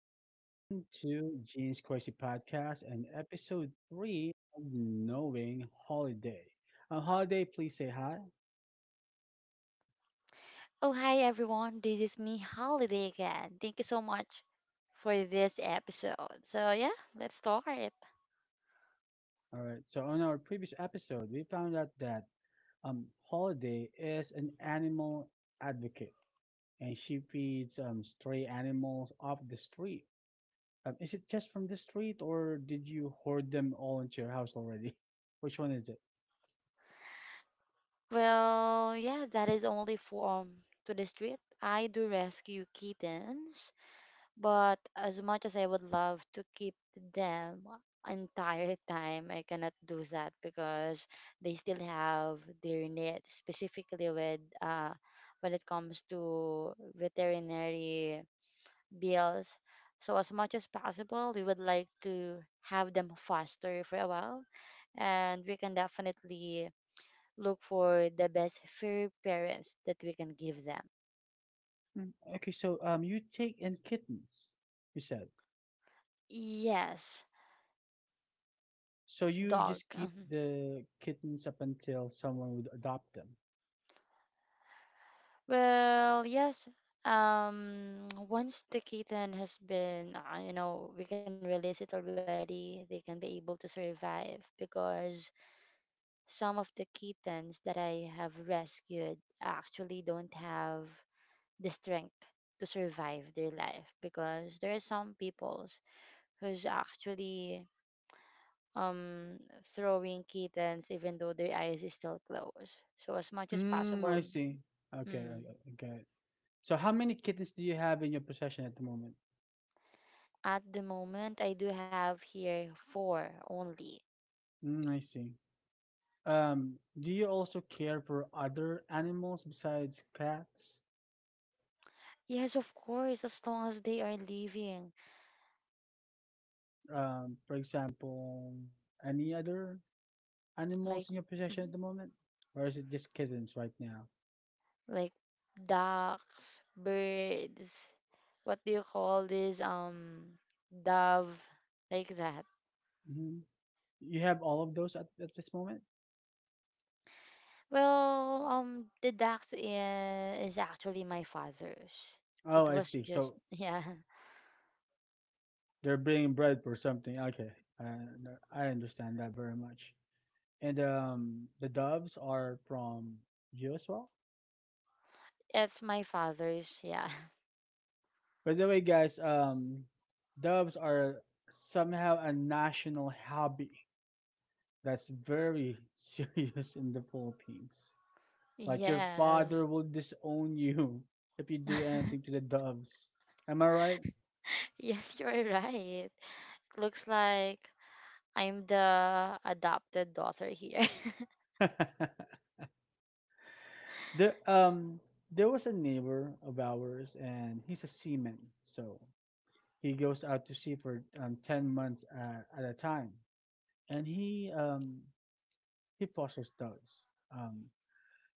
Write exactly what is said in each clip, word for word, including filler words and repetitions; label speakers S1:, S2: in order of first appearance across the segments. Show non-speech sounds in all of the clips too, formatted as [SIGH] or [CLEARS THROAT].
S1: and welcome to Gene's Crazy Podcast and episode three of Knowing Holiday. Uh, Holiday, please say hi.
S2: Oh, hi everyone. This is me, Holiday, again. Thank you so much for this episode. So, yeah, let's start.
S1: All right. So on our previous episode, we found out that um, Holiday is an animal advocate, and she feeds um, stray animals off the street. Um, is it just from the street, or did you hoard them all into your house already? [LAUGHS] Which one is it?
S2: Well, yeah, that is only for um, to the street. I do rescue kittens, but as much as I would love to keep them entire time, I cannot do that because they still have their needs, specifically with uh, when it comes to veterinary bills. So as much as possible, we would like to have them faster for a while, and we can definitely look for the best fur parents that we can give them.
S1: Mm, okay. So um, you take in kittens, you said.
S2: Yes,
S1: So you
S2: dog.
S1: just keep
S2: Mhm.
S1: the kittens up until someone would adopt them.
S2: Well, yes. Um, once the kitten has been, uh, you know, we can release it already. They can be able to survive because some of the kittens that I have rescued actually don't have the strength to survive their life because there are some peoples who's actually um throwing kittens even though their eyes is still closed, so as much as
S1: Mm,
S2: possible.
S1: I see. Okay, I,
S2: Hmm.
S1: I get it. So how many kittens do you have in your possession at the moment?
S2: At the moment, I do have here four only.
S1: Mm, I see. Um, do you also care for other animals besides cats?
S2: Yes, of course, as long as they are living.
S1: Um, for example, any other
S2: Like
S1: animals in your possession at
S2: mhm,
S1: the moment? Or is it just kittens right now?
S2: like ducks, birds, what do you call this, um dove, like that.
S1: hmm You have all of those at, at this moment?
S2: Well, um, the ducks i- is actually my father's.
S1: Oh,
S2: It
S1: I
S2: was
S1: see.
S2: just,
S1: So
S2: [LAUGHS] yeah,
S1: they're bringing bread for something. Okay, I I understand that very much. And um, the doves are from you as well.
S2: it's my father's, yeah. [LAUGHS]
S1: By the way, guys, um, doves are somehow a national hobby that's very [LAUGHS] serious in the Philippines. Like your father
S2: Yes.
S1: will disown you [LAUGHS] if you do anything to the
S2: [LAUGHS]
S1: doves. Am I right?
S2: Yes, you're right. It looks like I'm the adopted daughter here. [LAUGHS]
S1: [LAUGHS] There um there was a neighbor of ours and he's a seaman, so he goes out to sea for um, ten months at, at a time, and he um he fosters dogs. Um,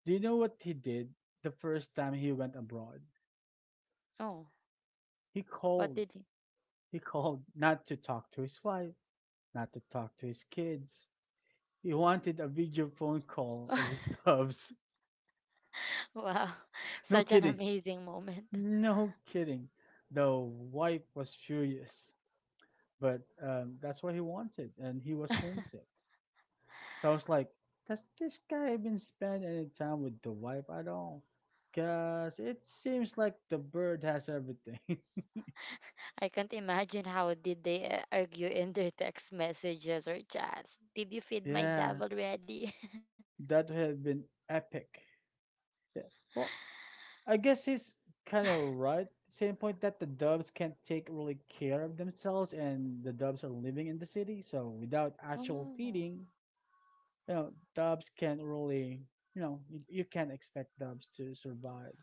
S1: do you know what he did the first time he went abroad?
S2: Oh,
S1: He
S2: what
S1: called.
S2: did he?
S1: He called not to talk to his wife, not to talk to his kids. He wanted a video phone call of his [LAUGHS]
S2: [LAUGHS]
S1: doves.
S2: Wow,
S1: No
S2: such an
S1: kidding.
S2: amazing moment.
S1: No kidding. The wife was furious. But um, that's what he wanted, and he was homesick. So I was like, "Does this guy even spend any time with the wife at all? Cause it seems like the bird has everything."
S2: I can't imagine how did they uh, argue in their text messages or chats. Did you
S1: [LAUGHS]
S2: feed my dad
S1: Yeah,
S2: already?
S1: that would have been epic. Yeah. Well, I guess he's kind of right. Same point that the doves can't take really care of themselves, and the doves are living in the city, so without
S2: [LAUGHS]
S1: actual
S2: Oh.
S1: feeding, you know, Dubs can't really, you know, you, you can't expect Dubs to survive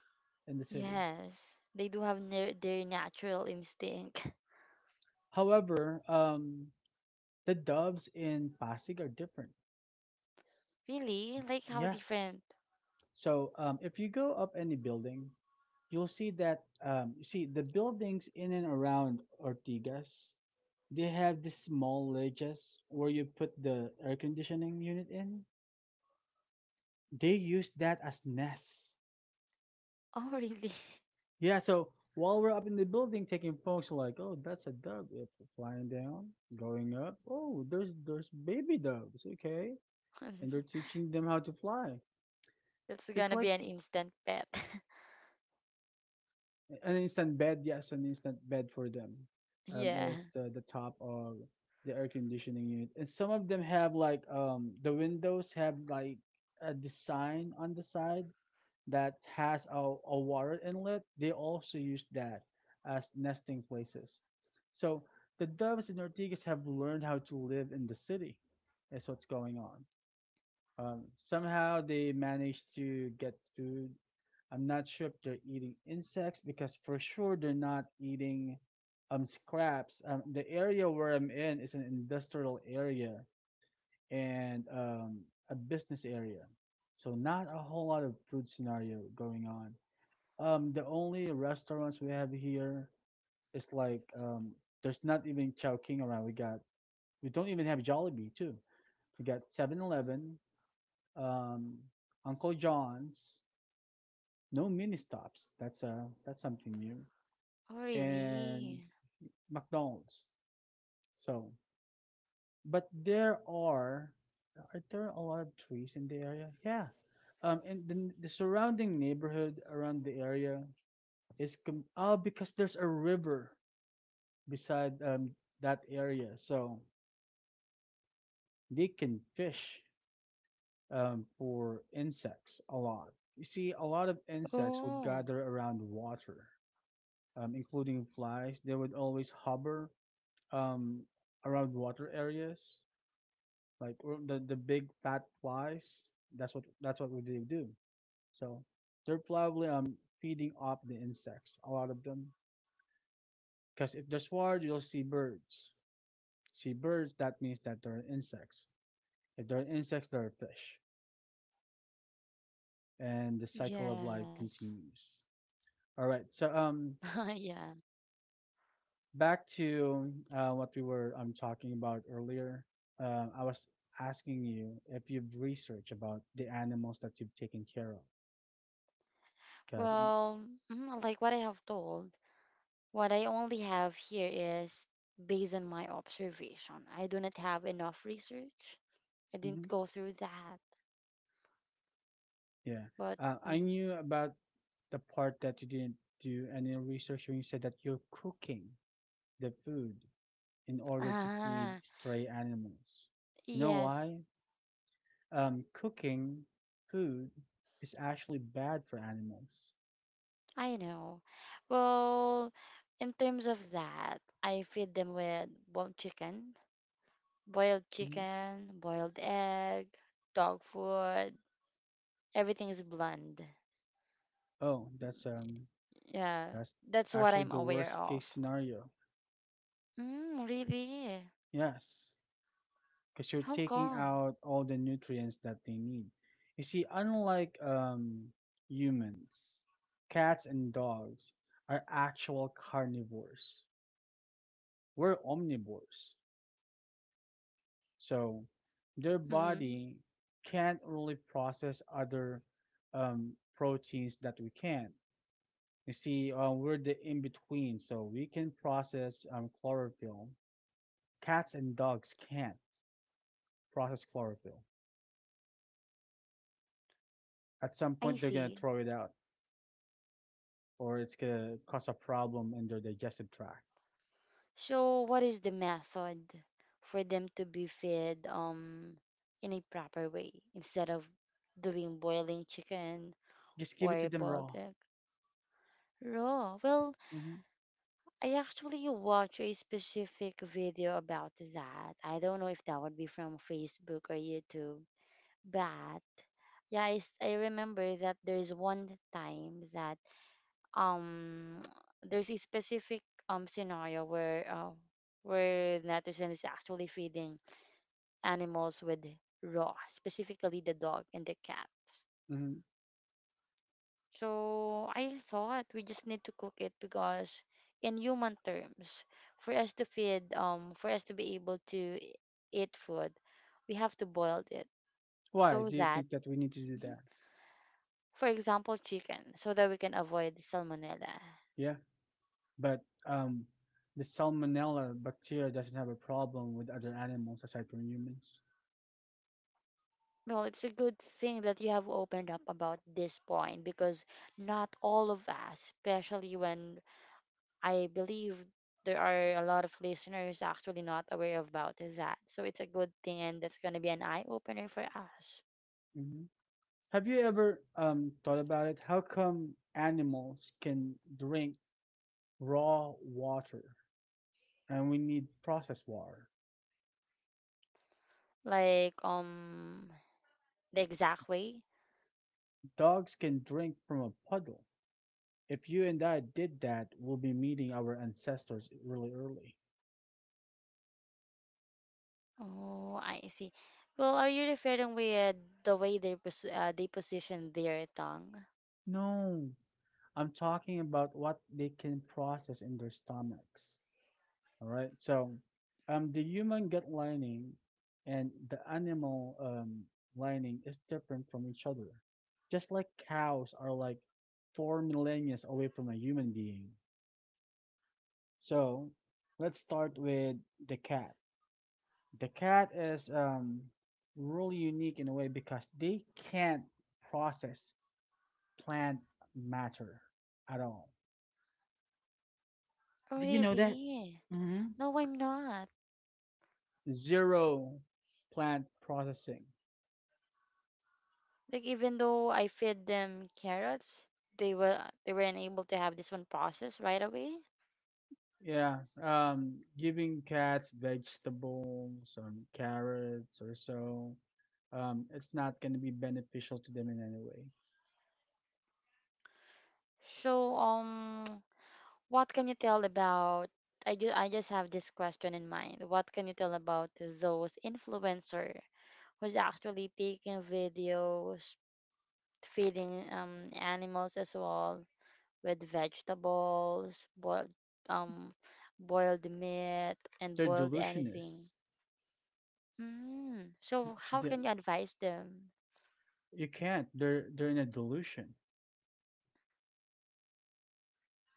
S1: in the city.
S2: Yes, they do have na- their natural instinct. [LAUGHS]
S1: However, um, the Dubs in Pasig are different.
S2: Really? Like how
S1: Yes.
S2: different?
S1: So um, if you go up any building, you'll see that, um, you see the buildings in and around Ortigas, they have these small ledges where you put the air conditioning unit in. They use that as nests.
S2: Oh, really?
S1: Yeah, so while we're up in the building taking photos, like, oh, that's a dove. It's flying down, going up. Oh, there's there's baby doves. Okay, and they're
S2: [LAUGHS]
S1: teaching them how to fly.
S2: That's
S1: It's
S2: gonna
S1: like
S2: be an instant pet.
S1: an instant bed. Yes, an instant bed for them.
S2: [LAUGHS]
S1: Um,
S2: Yeah.
S1: is the the top of the air conditioning unit, and some of them have like um the windows have like a design on the side that has a, a water inlet, they also use that as nesting places. So the doves in Ortigas have learned how to live in the city. That's what's going on. Um, somehow they manage to get food. I'm not sure if they're eating insects because for sure they're not eating um, scraps. Um, the area where I'm in is an industrial area and um, a business area. So not a whole lot of food scenario going on. Um, the only restaurants we have here is like um, there's not even Chowking around. We got we don't even have Jollibee too. We got seven-Eleven, um, Uncle John's, no mini stops. That's uh that's something new,
S2: Oh,
S1: and
S2: really?
S1: McDonald's. So, but there are are there a lot of trees in the area? Yeah, um, and the the surrounding neighborhood around the area is com- oh, because there's a river beside um, that area, so they can fish um, for insects a lot. You see, a lot of insects would
S2: Oh,
S1: gather around water, um, including flies. They would always hover um, around water areas, like or the the big fat flies. That's what that's what they do. So they're probably um, feeding off the insects. A lot of them, because if there's water, you'll see birds. See birds, that means that there are insects. If there are insects, there are fish, and the cycle of life
S2: yes.
S1: continues. All right. So um,
S2: [LAUGHS] Yeah.
S1: back to uh, what we were um talking about earlier. Um, I was asking you if you've researched about the animals that you've taken care of, because
S2: Well, mm, like what I have told, what I only have here is based on my observation. I do not have enough research. I
S1: mm-hmm,
S2: didn't go through that.
S1: yeah,
S2: But,
S1: uh, I
S2: mm,
S1: knew about the part that you didn't do any research when you said that you're cooking the food in order to feed
S2: ah,
S1: stray animals. You know
S2: yes.
S1: why? Um, cooking food is actually bad for animals.
S2: I know. Well, in terms of that, I feed them with boiled chicken, boiled
S1: Hmm.
S2: chicken, boiled egg, dog food. Everything is bland.
S1: Oh, that's um,
S2: Yeah,
S1: that's
S2: that's what
S1: actually
S2: I'm
S1: the
S2: aware
S1: worst case
S2: of.
S1: scenario.
S2: Mm, really?
S1: Yes, because you're
S2: How
S1: taking
S2: come?
S1: out all the nutrients that they need. You see, unlike um, humans, cats and dogs are actual carnivores. We're omnivores, so
S2: Mm-hmm.
S1: their body can't really process other um, proteins that we can. You see, uh, we're the in between, so we can process um, chlorophyll. Cats and dogs can't process chlorophyll. At some
S2: I
S1: point, they're gonna
S2: see.
S1: throw it out, or it's gonna cause a problem in their digestive tract.
S2: So, what is the method for them to be fed um in a proper way instead of doing boiling chicken
S1: Just give it to
S2: or
S1: them
S2: boiled
S1: raw.
S2: egg? Raw. Well,
S1: Hmm.
S2: I actually watched a specific video about that. I don't know if that would be from Facebook or YouTube, but yeah, I, s- I remember that there's one time that um [TSK] there's a specific um scenario where uh, where netizen is actually feeding animals with raw, specifically the dog and the cat.
S1: Hmm.
S2: So I thought we just need to cook it because in human terms, for us to feed, um, for us to be able to e- eat food, we have to boil it
S1: Why
S2: so
S1: do you
S2: that,
S1: think that we need to do
S2: mhm,
S1: that?
S2: for example, chicken, so that we can avoid salmonella.
S1: Yeah, but um, the salmonella bacteria doesn't have a problem with other animals aside from humans.
S2: Well, it's a good thing that you have opened up about this point because not all of us, especially when I believe there are a lot of listeners actually not aware about that. So it's a good thing, and that's going to be an eye opener for us.
S1: Hmm. Have you ever um, thought about it? How come animals can drink raw water and we need processed water?
S2: Like um the exact way.
S1: Dogs can drink from a puddle. If you and I did that, we'll be meeting our ancestors really early.
S2: Oh, I see. Well, are you referring with the way they pos- uh, they position their tongue?
S1: No, I'm talking about what they can process in their stomachs. All right. So, um, the human gut lining and the animal um, lining is different from each other. Just like cows are like four millennia away from a human being. So let's start with the cat. The cat is um, really unique in a way because they can't process plant matter at all.
S2: Oh,
S1: Do you know that?
S2: really?
S1: Mm-hmm.
S2: No, I'm not.
S1: Zero plant processing.
S2: Like even though I fed them carrots, they were they weren't able to have this one process right away.
S1: Yeah, um, giving cats vegetables, um, carrots or so, um, it's not going to be beneficial to them in any way.
S2: So um what can you tell about? I do, I just have this question in mind. What can you tell about those influencer who's actually taking videos feeding um animals as well with vegetables, boiled um boiled meat and
S1: They're
S2: boiled anything.
S1: delusionists.
S2: Mm. So how
S1: The-
S2: can you advise them?
S1: you can't. They're they're in a delusion.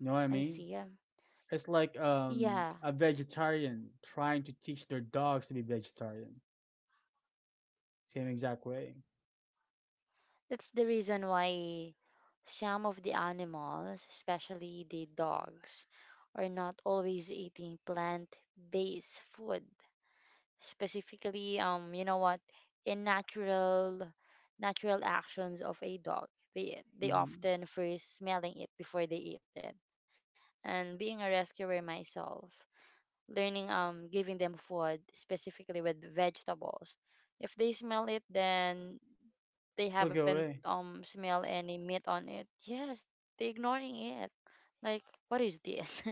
S1: You know what I
S2: see. Yeah.
S1: mean? It's like
S2: Yeah.
S1: um, a vegetarian trying to teach their dogs to be vegetarian. Same exact way.
S2: That's the reason why some of the animals, especially the dogs, are not always eating plant-based food. Specifically, um, you know what? In natural natural actions of a dog, they they
S1: Mm-hmm.
S2: often first smelling it before they eat it. And being a rescuer myself, learning um giving them food specifically with vegetables, if they smell it, then they
S1: They'll
S2: haven't
S1: go away.
S2: um smell any meat on it, yes, they ignoring it, like what is this?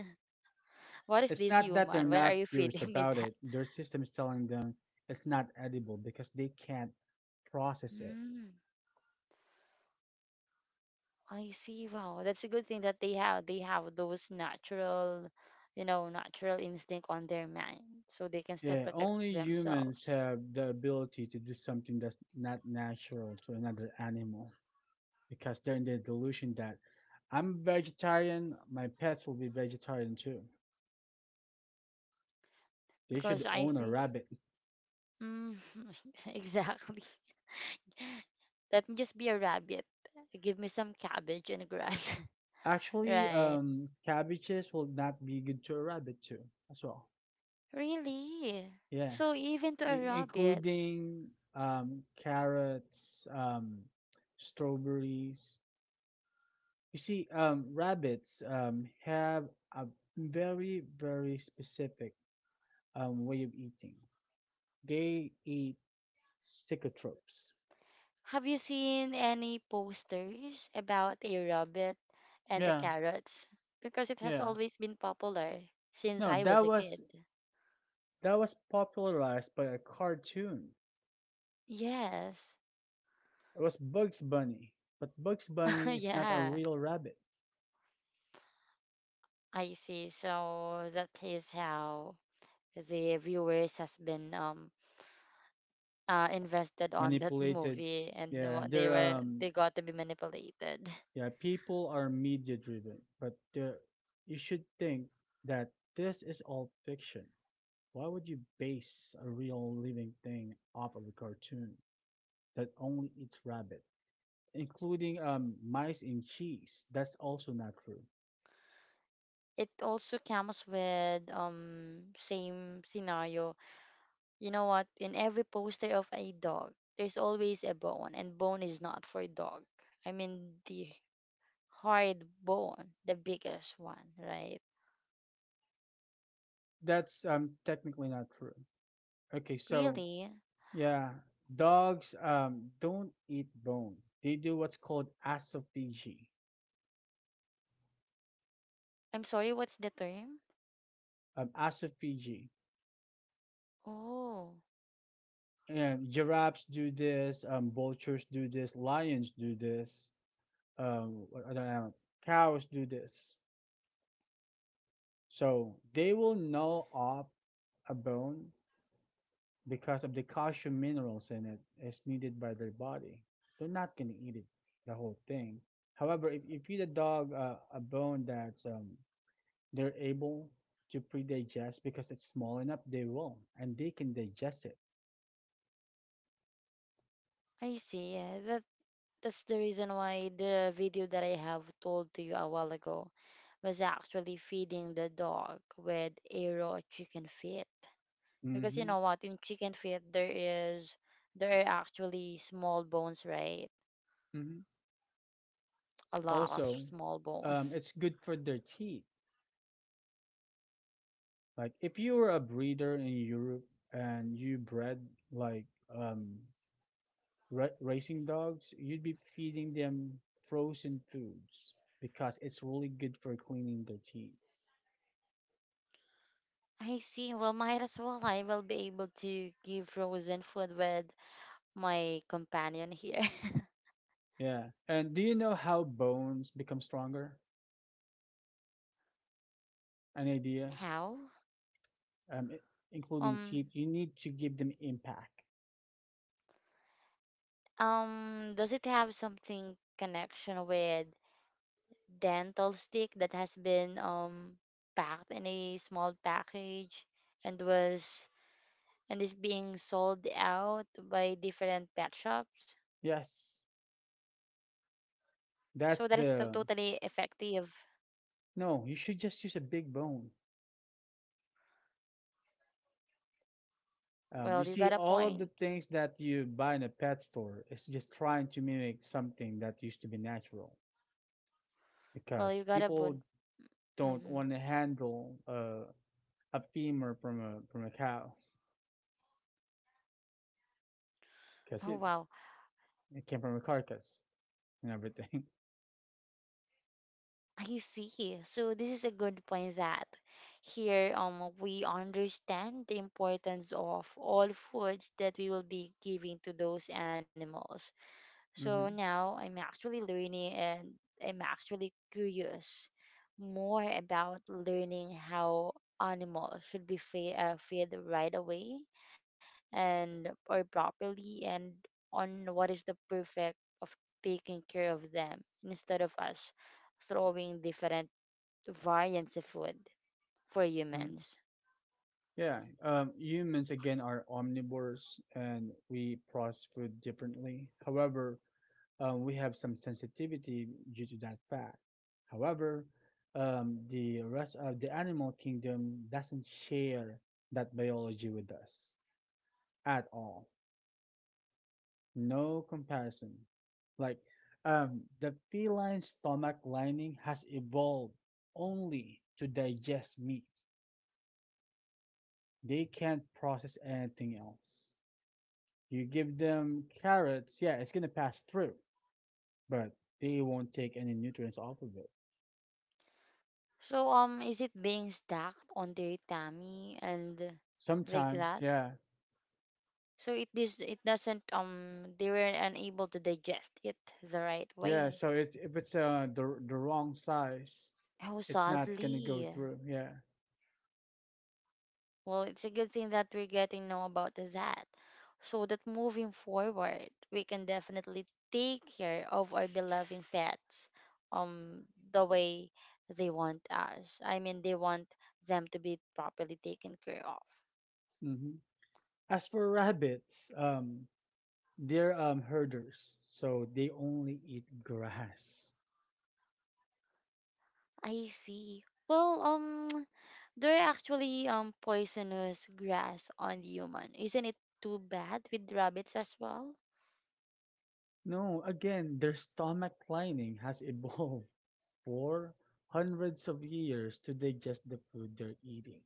S2: [LAUGHS] What is
S1: It's
S2: this,
S1: not
S2: human?
S1: that they're
S2: Why are
S1: not
S2: you
S1: curious
S2: feeding me
S1: about
S2: that?
S1: it. Their system is telling them it's not edible because they can't process it.
S2: Mm, I see. Wow, that's a good thing that they have they have those natural, you know, natural instinct on their mind, so they can still
S1: Yeah,
S2: protect
S1: only humans
S2: themselves,
S1: have the ability to do something that's not natural to another animal because they're in the delusion that I'm vegetarian, my pets will be vegetarian too. They
S2: because
S1: should
S2: I
S1: own a
S2: think.
S1: rabbit.
S2: Mm, [LAUGHS] exactly. Let me just be a rabbit. Give me some cabbage and grass. [LAUGHS]
S1: Actually,
S2: Right.
S1: um, cabbages will not be good to a rabbit too, as well.
S2: Really?
S1: Yeah,
S2: So even to a
S1: I-
S2: rabbit,
S1: including um, carrots, um, strawberries. You see, um, rabbits um, have a very, very specific um, way of eating. They eat stickotropes.
S2: have you seen any posters about a rabbit and the
S1: Yeah,
S2: carrots? Because it has
S1: yeah.
S2: always been popular since
S1: No,
S2: I was
S1: that
S2: a kid.
S1: was that was popularized by a cartoon.
S2: Yes.
S1: It was Bugs Bunny, but Bugs
S2: [LAUGHS]
S1: Bunny is not a
S2: Yeah.
S1: real rabbit.
S2: I see. So that is how the viewers has been um uh, invested on that [LAUGHS]
S1: Manipulated.
S2: movie, and the
S1: Yeah,
S2: wa- they
S1: they're
S2: were
S1: um
S2: they got to be manipulated.
S1: yeah, people are media driven, but there you should think that this is all fiction. Why would you base a real living thing off of a cartoon that only eats rabbit, including um mice in cheese? That's also not true.
S2: It also comes with um same scenario. You know what? In every poster of a dog, there's always a bone, and bone is not for dog. I mean the hard bone, the biggest one, right?
S1: That's um technically not true. Okay, so
S2: Really?
S1: yeah, dogs um don't eat bone. They do what's called asophagy.
S2: I'm sorry, what's the term?
S1: Um, asophagy
S2: Oh,
S1: and giraffes do this, um, vultures do this, lions do this, um, what other animal- cows do this. So they will gnaw up a bone because of the calcium minerals in it is needed by their body. They're not gonna eat it, the whole thing. However, if you feed a dog uh, a bone that's um, they're able to pre-digest because it's small enough, they will and they can digest it.
S2: I see. Yeah, that's the reason why the video that I have told to you a while ago was actually feeding the dog with a raw chicken feet. Because you
S1: Mm-hmm.
S2: know what, in chicken feet there is there are actually small bones, right?
S1: Mm-hmm.
S2: A lot of
S1: Also,
S2: small
S1: um,
S2: bones.
S1: it's good for their teeth. Like if you were a breeder in Europe and you bred like um, ra- racing dogs, you'd be feeding them frozen foods because it's really good for cleaning their teeth.
S2: [LAUGHS] I see. Well, might as well I will be able to give frozen food with my companion here.
S1: Yeah. And do you know how bones become stronger? An
S2: [LAUGHS]
S1: idea?
S2: How?
S1: Um, i- Including
S2: Um,
S1: teeth, you need to give them impact.
S2: um, does it have something connection with dental stick that has been um packed in a small package, and was and is being sold out by different pet shops.
S1: Yes,
S2: So that is
S1: that's
S2: to-
S1: the.
S2: totally effective.
S1: No, you should just use a big bone. Um, you
S2: Well, you got
S1: see,
S2: a
S1: all of the
S2: point.
S1: things that you buy in a pet store is just trying to mimic something that used to be natural
S2: Well,
S1: because
S2: you got a
S1: people
S2: point.
S1: don't
S2: Hmm.
S1: want to handle uh, a femur from a from a cow
S2: Oh
S1: because it,
S2: wow,
S1: it came from a carcass and everything.
S2: I see. So this is a good point that here um we understand the importance of all foods that we will be giving to those animals.
S1: [LAUGHS]
S2: So
S1: Hmm.
S2: now I'm actually learning, and I'm actually curious more about learning how animals should be fed, uh, fed right away and or properly, and on what is the perfect of taking care of them instead of us throwing different variants of food for
S1: Hmm.
S2: humans.
S1: Yeah, um, humans again are omnivores and we process food differently. However, um, we have some sensitivity due to that fact. However, um, the rest of the animal kingdom doesn't share that biology with us at all. No comparison. Like um, the feline stomach lining has evolved only to digest meat. They can't process anything else. You give them carrots, yeah, it's gonna pass through, but they won't take any nutrients off of it.
S2: So um is it being stacked on their tummy and like
S1: Sometimes,
S2: that?
S1: yeah.
S2: So it this it doesn't um they were unable to digest it the right
S1: Yeah,
S2: way.
S1: so it, if it's uh the the wrong size,
S2: Oh,
S1: it's not gonna go
S2: sadly.
S1: through. Yeah.
S2: Well, it's a good thing that we're getting know about that, so that moving forward we can definitely take care of our beloved pets, um the way they want us I mean they want them to be properly taken care of.
S1: Hmm. As for rabbits, um, they're um herders, so they only eat grass.
S2: I see. Well, um they're actually um poisonous grass on the human. Isn't it too bad with rabbits as well?
S1: No, again, their stomach lining has evolved [LAUGHS] for hundreds of years to digest the food they're eating.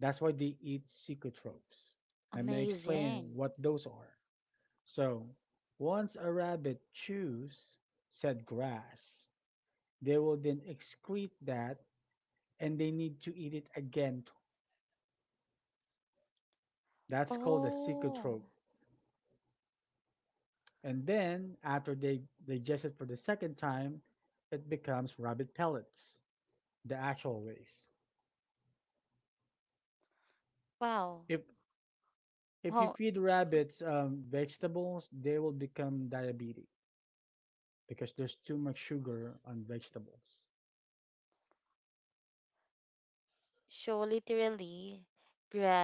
S1: That's why they eat psychotropes. Let me explain
S2: Amazing.
S1: what those are. So, once a rabbit chews said grass, they will then excrete that and they need to eat it again. That's called a
S2: Oh,
S1: psychotrope. And then, after they digest it for the second time, it becomes rabbit pellets, the actual waste.
S2: wow.
S1: If if you
S2: Oh,
S1: feed rabbits um, vegetables, they will become diabetic because there's too much sugar on vegetables.
S2: so literally,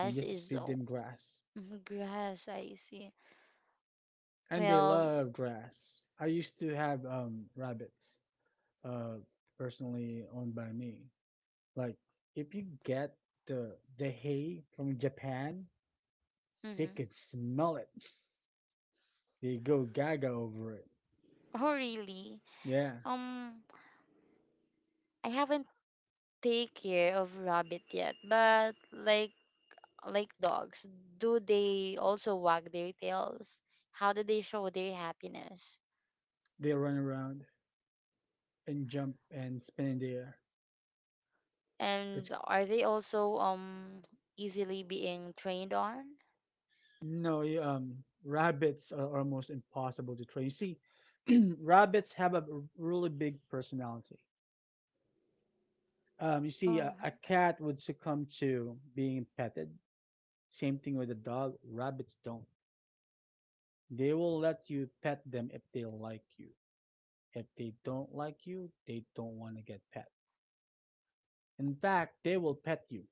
S1: You just
S2: is,
S1: feed them
S2: oh,
S1: grass,
S2: mhm, [LAUGHS] grass. I see.
S1: and they
S2: Well,
S1: love grass. I used to have um, rabbits, uh, personally owned by me. Like if you get the the hay from Japan, they
S2: mm-hmm.
S1: could smell it. They go gaga over it.
S2: Oh really?
S1: Yeah,
S2: Um, I haven't take care of rabbit yet, but like like dogs, do they also wag their tails? How do they show their happiness?
S1: they run around and jump and spin in the air. It's
S2: And are they also um easily being trained on?
S1: No, you, um rabbits are almost impossible to train. You see, [CLEARS THROAT] rabbits have a really big personality. Um, you see,
S2: Oh,
S1: a, a cat would succumb to being petted. Same thing with a dog. Rabbits don't. They will let you pet them if they like you. If they don't like you, they don't want to get pet. In fact, they will pet you.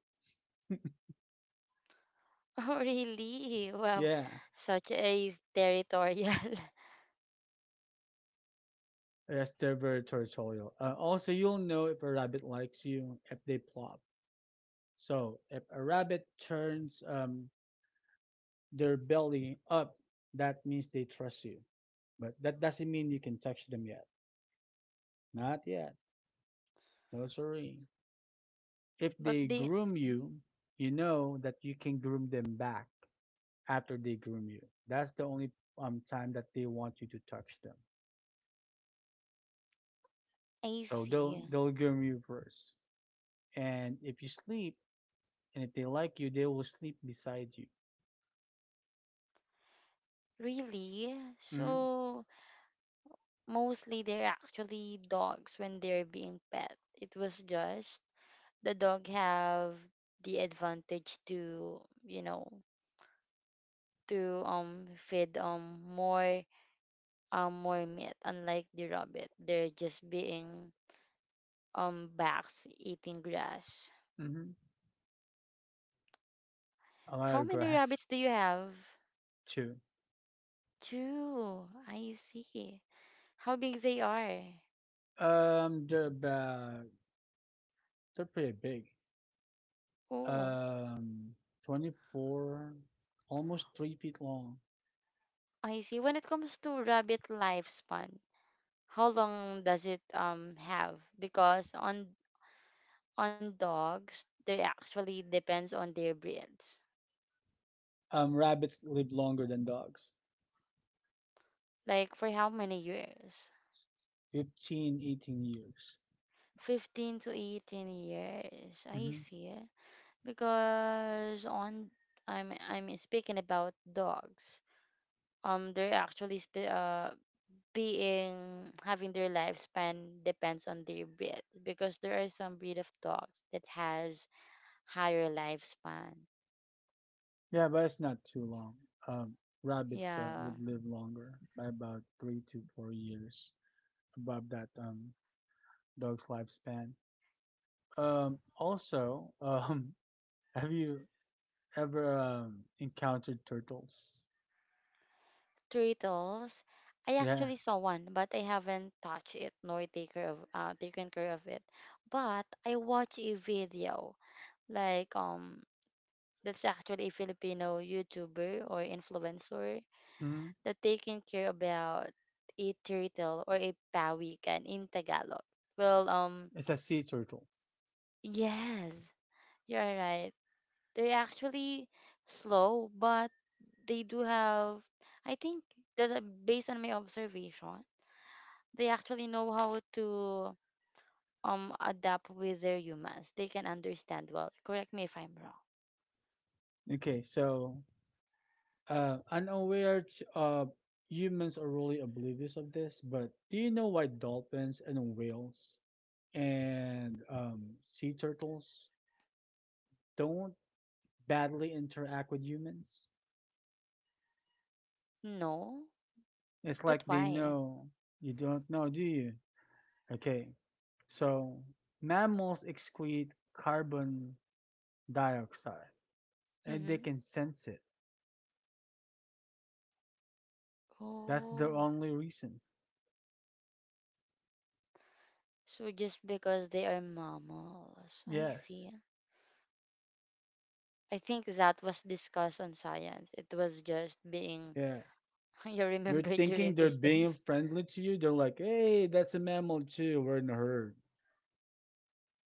S2: [LAUGHS] oh, really? Well,
S1: Yeah,
S2: such a territorial. [LAUGHS]
S1: yes, they're very territorial. Uh, also, you'll know if a rabbit likes you if they plop. So, if a rabbit turns um, their belly up, that means they trust you. But that doesn't mean you can touch them yet. Not yet. No, sorry. If
S2: But
S1: they
S2: they,
S1: groom
S2: mhm.
S1: you, you know that you can groom them back after they groom you. That's the only um, time that they want you to touch them.
S2: I
S1: So they'll
S2: see.
S1: they'll groom you first. And if you sleep, and if they like you, they will sleep beside you.
S2: Really?
S1: Mm-hmm.
S2: So mostly they're actually dogs when they're being pet. It was just the dog have the advantage to, you know, to um feed um more um more meat, unlike the rabbit. They're just being um backs eating grass.
S1: Mm-hmm. A lot
S2: How
S1: of
S2: many
S1: grass
S2: rabbits do you have?
S1: too.
S2: Two. I see. How big they are.
S1: Um, they're about they're pretty big.
S2: Oh,
S1: Um, twenty-four, almost three feet long.
S2: I see. When it comes to rabbit lifespan, how long does it um have? Because on on dogs, they actually depends on their breeds.
S1: Um, rabbits live longer than dogs.
S2: Like for how many years?
S1: Fifteen, eighteen years.
S2: fifteen to eighteen years. I
S1: Hmm.
S2: see. Because on I'm I'm speaking about dogs. Um they're actually sp- uh being having their lifespan depends on their breed because there are some breed of dogs that has higher lifespan.
S1: Yeah, but it's not too long. Um, Rabbits uh,
S2: Yeah.
S1: would live longer by about three to four years above that. Um, dog's lifespan. Um, also, [LAUGHS] um, have you ever um, encountered turtles?
S2: Turtles. I
S1: Yeah.
S2: actually saw one, but I haven't touched it nor take care of uh, taken care of it, but I watched a video, like um that's actually a Filipino YouTuber or influencer
S1: Hmm.
S2: that taking care about a turtle or a pawikan in Tagalog. Well, um,
S1: It's a sea turtle.
S2: yes, you're right. They're actually slow, but they do have, I think that uh, based on my observation, they actually know how to um adapt with their humans. They can understand well. Correct me if I'm wrong.
S1: Okay, so uh, unaware t- uh, humans are really oblivious of this, but do you know why dolphins and whales and um, sea turtles don't badly interact with humans?
S2: No,
S1: It's
S2: but
S1: like they
S2: why?
S1: know. You don't know, do you? Okay, so mammals excrete carbon dioxide and they
S2: Mm-hmm.
S1: can sense it. That's the
S2: Oh,
S1: only reason.
S2: so just because they are mammals. I see.
S1: Yes.
S2: I think that was discussed on science. It was just being
S1: Yeah.
S2: [LAUGHS] you
S1: You're
S2: remember
S1: thinking
S2: during
S1: they're
S2: these
S1: being
S2: days.
S1: friendly to you. They're like, hey, that's a mammal too. We're in a herd.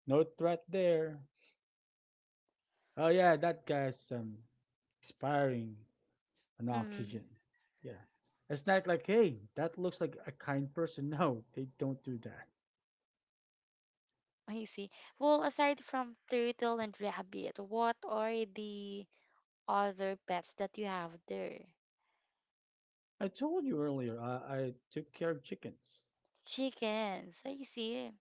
S1: No threat there. Oh, yeah, that guy's um, expiring on
S2: Mm,
S1: oxygen. Yeah. It's not like, hey, that looks like a kind person. [LAUGHS] No, they don't do that.
S2: I see. Well, aside from turtle and rabbit, what are the other pets that you have there?
S1: I told you earlier, I, I took care of chickens.
S2: Chickens. I see.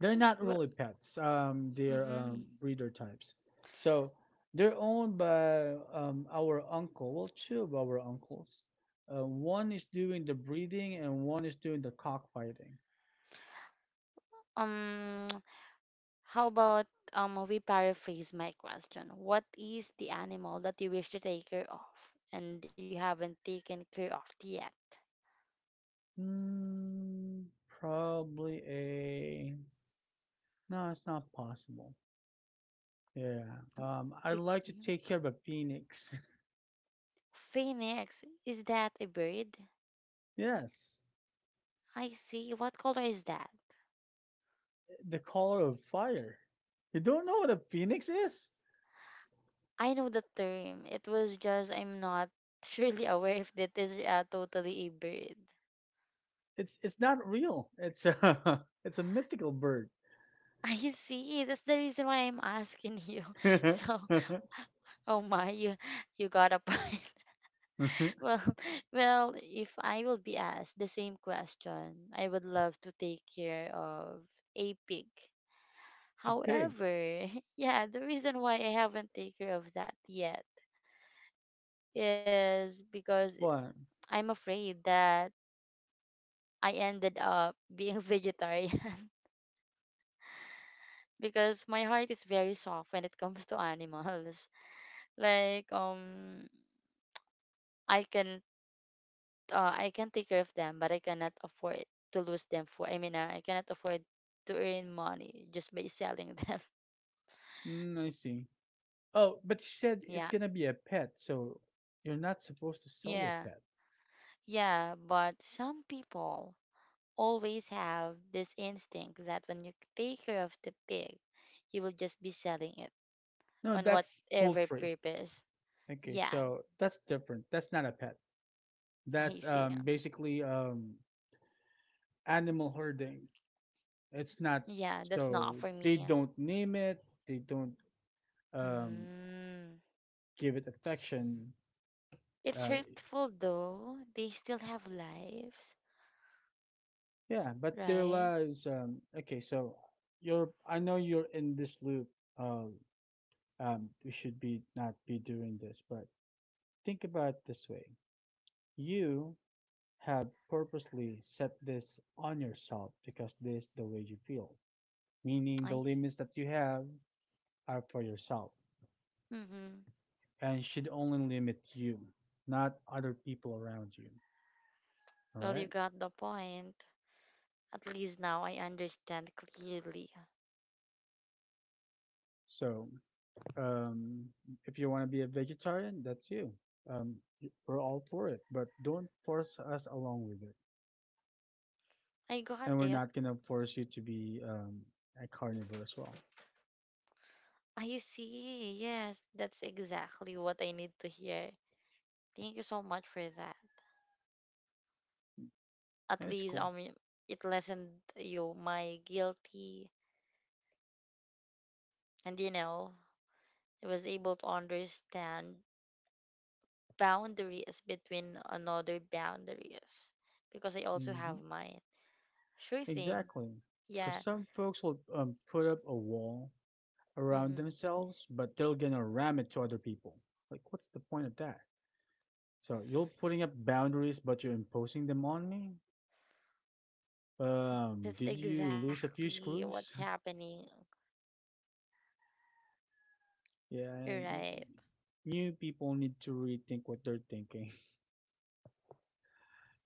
S1: They're not
S2: Well,
S1: really pets. Um, they're
S2: mm-hmm.
S1: um, breeder types. So they're owned by um, our uncle. Well, two of our uncles. Uh, one is doing the breeding and one is doing the cockfighting.
S2: Um, [TSK] how about um we paraphrase my question? What is the animal that you wish to take care of and you haven't taken care of yet?
S1: Hmm, probably a. No, it's not possible. Yeah. Um, I like to take care of a phoenix.
S2: Phoenix, is that a bird?
S1: [LAUGHS] Yes,
S2: I see. What color is that?
S1: the color of fire. You don't know what a phoenix is?
S2: I know the term. It was just I'm not [LAUGHS] surely aware if that is uh, totally a bird.
S1: It's it's not real. It's a [LAUGHS] it's a mythical bird.
S2: [LAUGHS] I see. That's the reason why I'm asking you.
S1: [LAUGHS]
S2: [LAUGHS]
S1: A
S2: So, oh my, you you got a point. [LAUGHS] Well, well, if I will be asked the same question, I would love to take care of a pig.
S1: pig.
S2: However, [LAUGHS] yeah, the reason why I haven't taken care of that yet is because
S1: What?
S2: I'm afraid that I ended up [LAUGHS] being a vegetarian [LAUGHS] because my heart is very soft when it comes to animals. [LAUGHS] Like um I can uh, I can take care of them, but I cannot afford to lose them for I mean uh, I cannot afford to earn money just by selling [LAUGHS] them.
S1: Mm, I see. Oh, but you said it's
S2: Yeah.
S1: gonna be a pet, so you're not supposed to sell your
S2: Yeah.
S1: pet.
S2: Yeah, but some people always have this instinct that when you take care of the pig, you will just be selling it
S1: No,
S2: on
S1: that's
S2: whatever
S1: poultry.
S2: purpose.
S1: Okay,
S2: Yeah,
S1: so that's different. That's not a pet. That's
S2: I see.
S1: um basically um animal herding. It's not,
S2: Yeah, that's not for
S1: so they
S2: me.
S1: don't name it, they don't um
S2: Mm.
S1: give it affection.
S2: It's
S1: Uh
S2: hurtful though. They still have lives,
S1: yeah, but their
S2: right?
S1: lives um okay, so you're I know you're in this loop of um, we should be not be doing this. But think about it this way: you have purposely set this on yourself because this is the way you feel. Meaning, the
S2: I see.
S1: limits that you have are for yourself
S2: Mm-hmm.
S1: and should only limit you, not other people around you. All
S2: Well, you
S1: right.
S2: got the point. At least now I understand clearly.
S1: So, um, if you want to be a vegetarian, that's you. Um, we're all for it, but don't force us along with it.
S2: I got
S1: And we're
S2: it.
S1: not gonna force you to be um, a carnivore as well.
S2: I see. Yes, that's exactly what I need to hear. Thank you so much for that. At
S1: That's
S2: least
S1: cool.
S2: um, y- it lessened you my guilty, and you know, I was able to understand boundaries between another boundaries because I also
S1: Hmm.
S2: have mine. Sure thing.
S1: Exactly. Because
S2: Yeah.
S1: some folks will um, put up a wall around
S2: Hmm.
S1: themselves, but they're gonna ram it to other people. Like, what's the point of that? So you're putting up boundaries, but you're imposing them on me.
S2: That's
S1: Um, did you lose a
S2: exactly
S1: few
S2: what's
S1: screws?
S2: happening.
S1: [LAUGHS]
S2: You're
S1: Yeah.
S2: right.
S1: New people need to rethink what they're thinking. [LAUGHS]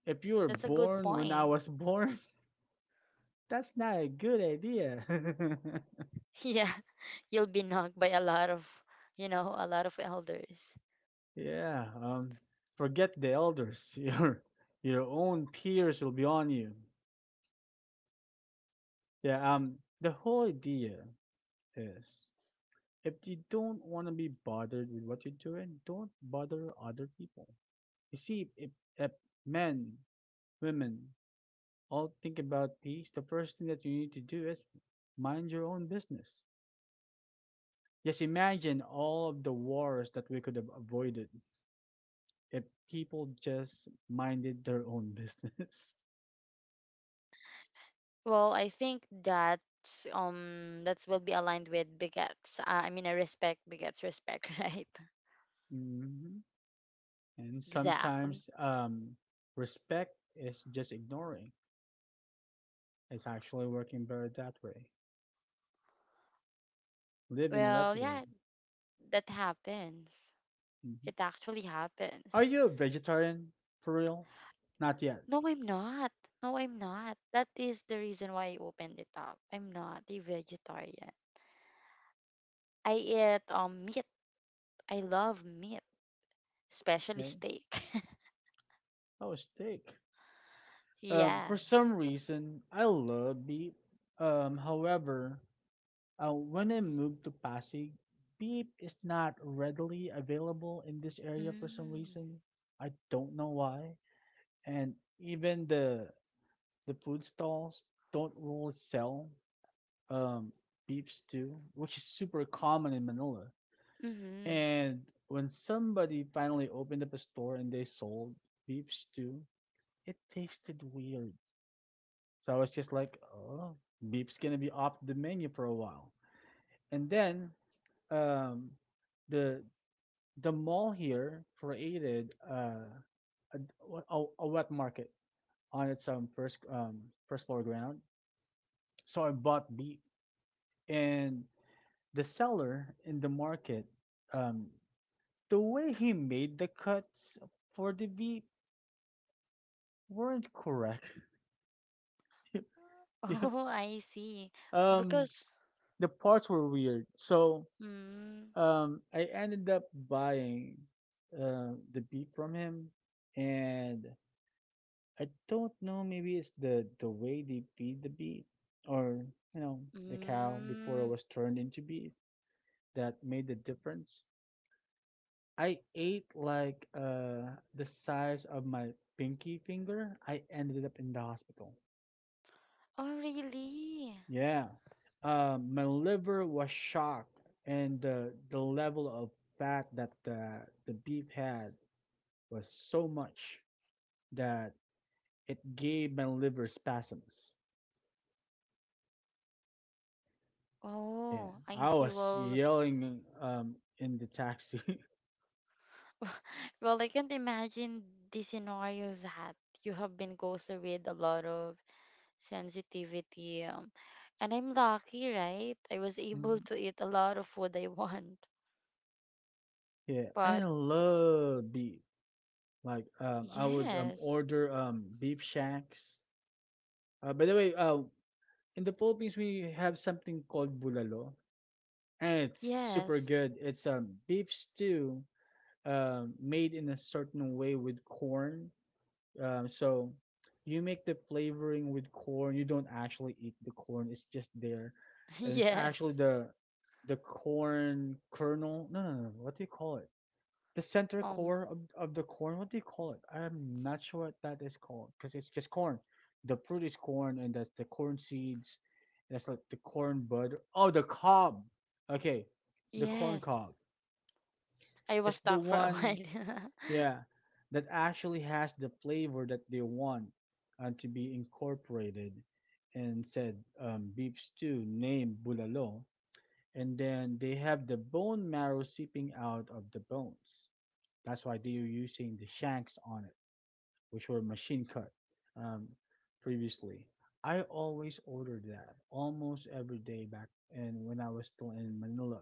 S1: If you were
S2: That's a good
S1: born when
S2: point.
S1: I
S2: [LAUGHS]
S1: was born, [LAUGHS] that's not a good idea. [LAUGHS]
S2: Yeah. You'll be knocked by a lot of, you know, a lot of elders.
S1: Yeah, um, forget the elders. [LAUGHS] Your your own peers will be on you. Yeah, um, the whole idea is, if you don't want to be bothered with what you're doing, don't bother other people. You see, if, if men, women all think about peace, the first thing that you need to do is mind your own business. Just imagine all of the wars that we could have avoided if people just minded their own [LAUGHS] business.
S2: Well, I think that um that will be aligned with bigots. Uh, I mean, I respect bigots respect, [LAUGHS] right?
S1: Mhm. And
S2: Exactly.
S1: sometimes um, respect is just ignoring. It's actually working better that way. Live and let
S2: Well,
S1: live.
S2: yeah, that happens.
S1: Hmm.
S2: It actually
S1: Are
S2: happens.
S1: you a vegetarian for real? Not yet.
S2: No, I'm not. No, I'm not. That is the reason why I opened it up. I'm not a vegetarian. I eat um meat. I love meat, especially
S1: Okay.
S2: steak.
S1: Oh, steak.
S2: [LAUGHS]
S1: Um,
S2: Yeah.
S1: for some reason, I love beef. Um, however, uh, when I moved to Pasig, beef is not readily available in this area for some
S2: Mm.
S1: reason. I don't know why. And even the the food stalls don't really sell um, beef stew, which is super common in Manila.
S2: Mm-hmm.
S1: And when somebody finally opened up a store and they sold beef stew, it tasted weird. So I was just like, oh, beef's gonna be off the menu for a while. And then, um, the the mall here created uh, a, a, a wet market on its um, first um, first floor ground. So I bought beef, and the seller in the market, um, the way he made the cuts for the V weren't correct. [LAUGHS] You know,
S2: Oh, I see.
S1: um,
S2: Because
S1: the parts were weird. So
S2: mm,
S1: um, I ended up buying uh, the beef from him, and I don't know. Maybe it's the the way they feed the beef, or you know, the cow before it was
S2: mm.
S1: turned into beef that made the difference. I ate like uh the size of my pinky finger. I ended up in the hospital.
S2: Oh, really?
S1: Yeah. Um, my liver was shocked, and the the level of fat that the the beef had was so much that it gave my liver spasms. Yeah,
S2: Oh, I
S1: I
S2: see.
S1: was
S2: Well,
S1: yelling um in the taxi. [LAUGHS]
S2: [LAUGHS] well, I can't imagine the scenario that you have been go through with a lot of sensitivity. Um, and I'm lucky, right? I was able
S1: Mhm.
S2: to eat a lot of what I [LAUGHS] want.
S1: Yeah, I
S2: But
S1: love beef. Like um, I would um
S2: yes,
S1: order um beef shanks. Uh, by the way, uh, in the Philippines we have something called bulalo, and it's super
S2: yes,
S1: good. It's um beef stew, um made in a certain way with corn. Um, so you make the flavoring with corn. You don't actually eat the corn; it's just there,
S2: [LAUGHS]
S1: and it's actually
S2: yes.
S1: the the corn kernel. No, no, no. What do you call it? The center
S2: Um,
S1: core of, of the corn, what do you call it? I'm not sure what that is called because it's just corn. The fruit is corn and that's the corn seeds. That's like the corn bud. Oh, the cob. Okay, the corn
S2: yes.
S1: cob.
S2: I was
S1: It's the
S2: stuck for a
S1: one,
S2: while. [LAUGHS]
S1: yeah, that actually has the flavor that they want, uh, to be incorporated, and said um, beef stew named bulalo, and then they have the bone marrow seeping out of the bones. That's why they were using the shanks on it, which were machine cut um, previously. I always ordered that almost every day back, and when I was still in Manila,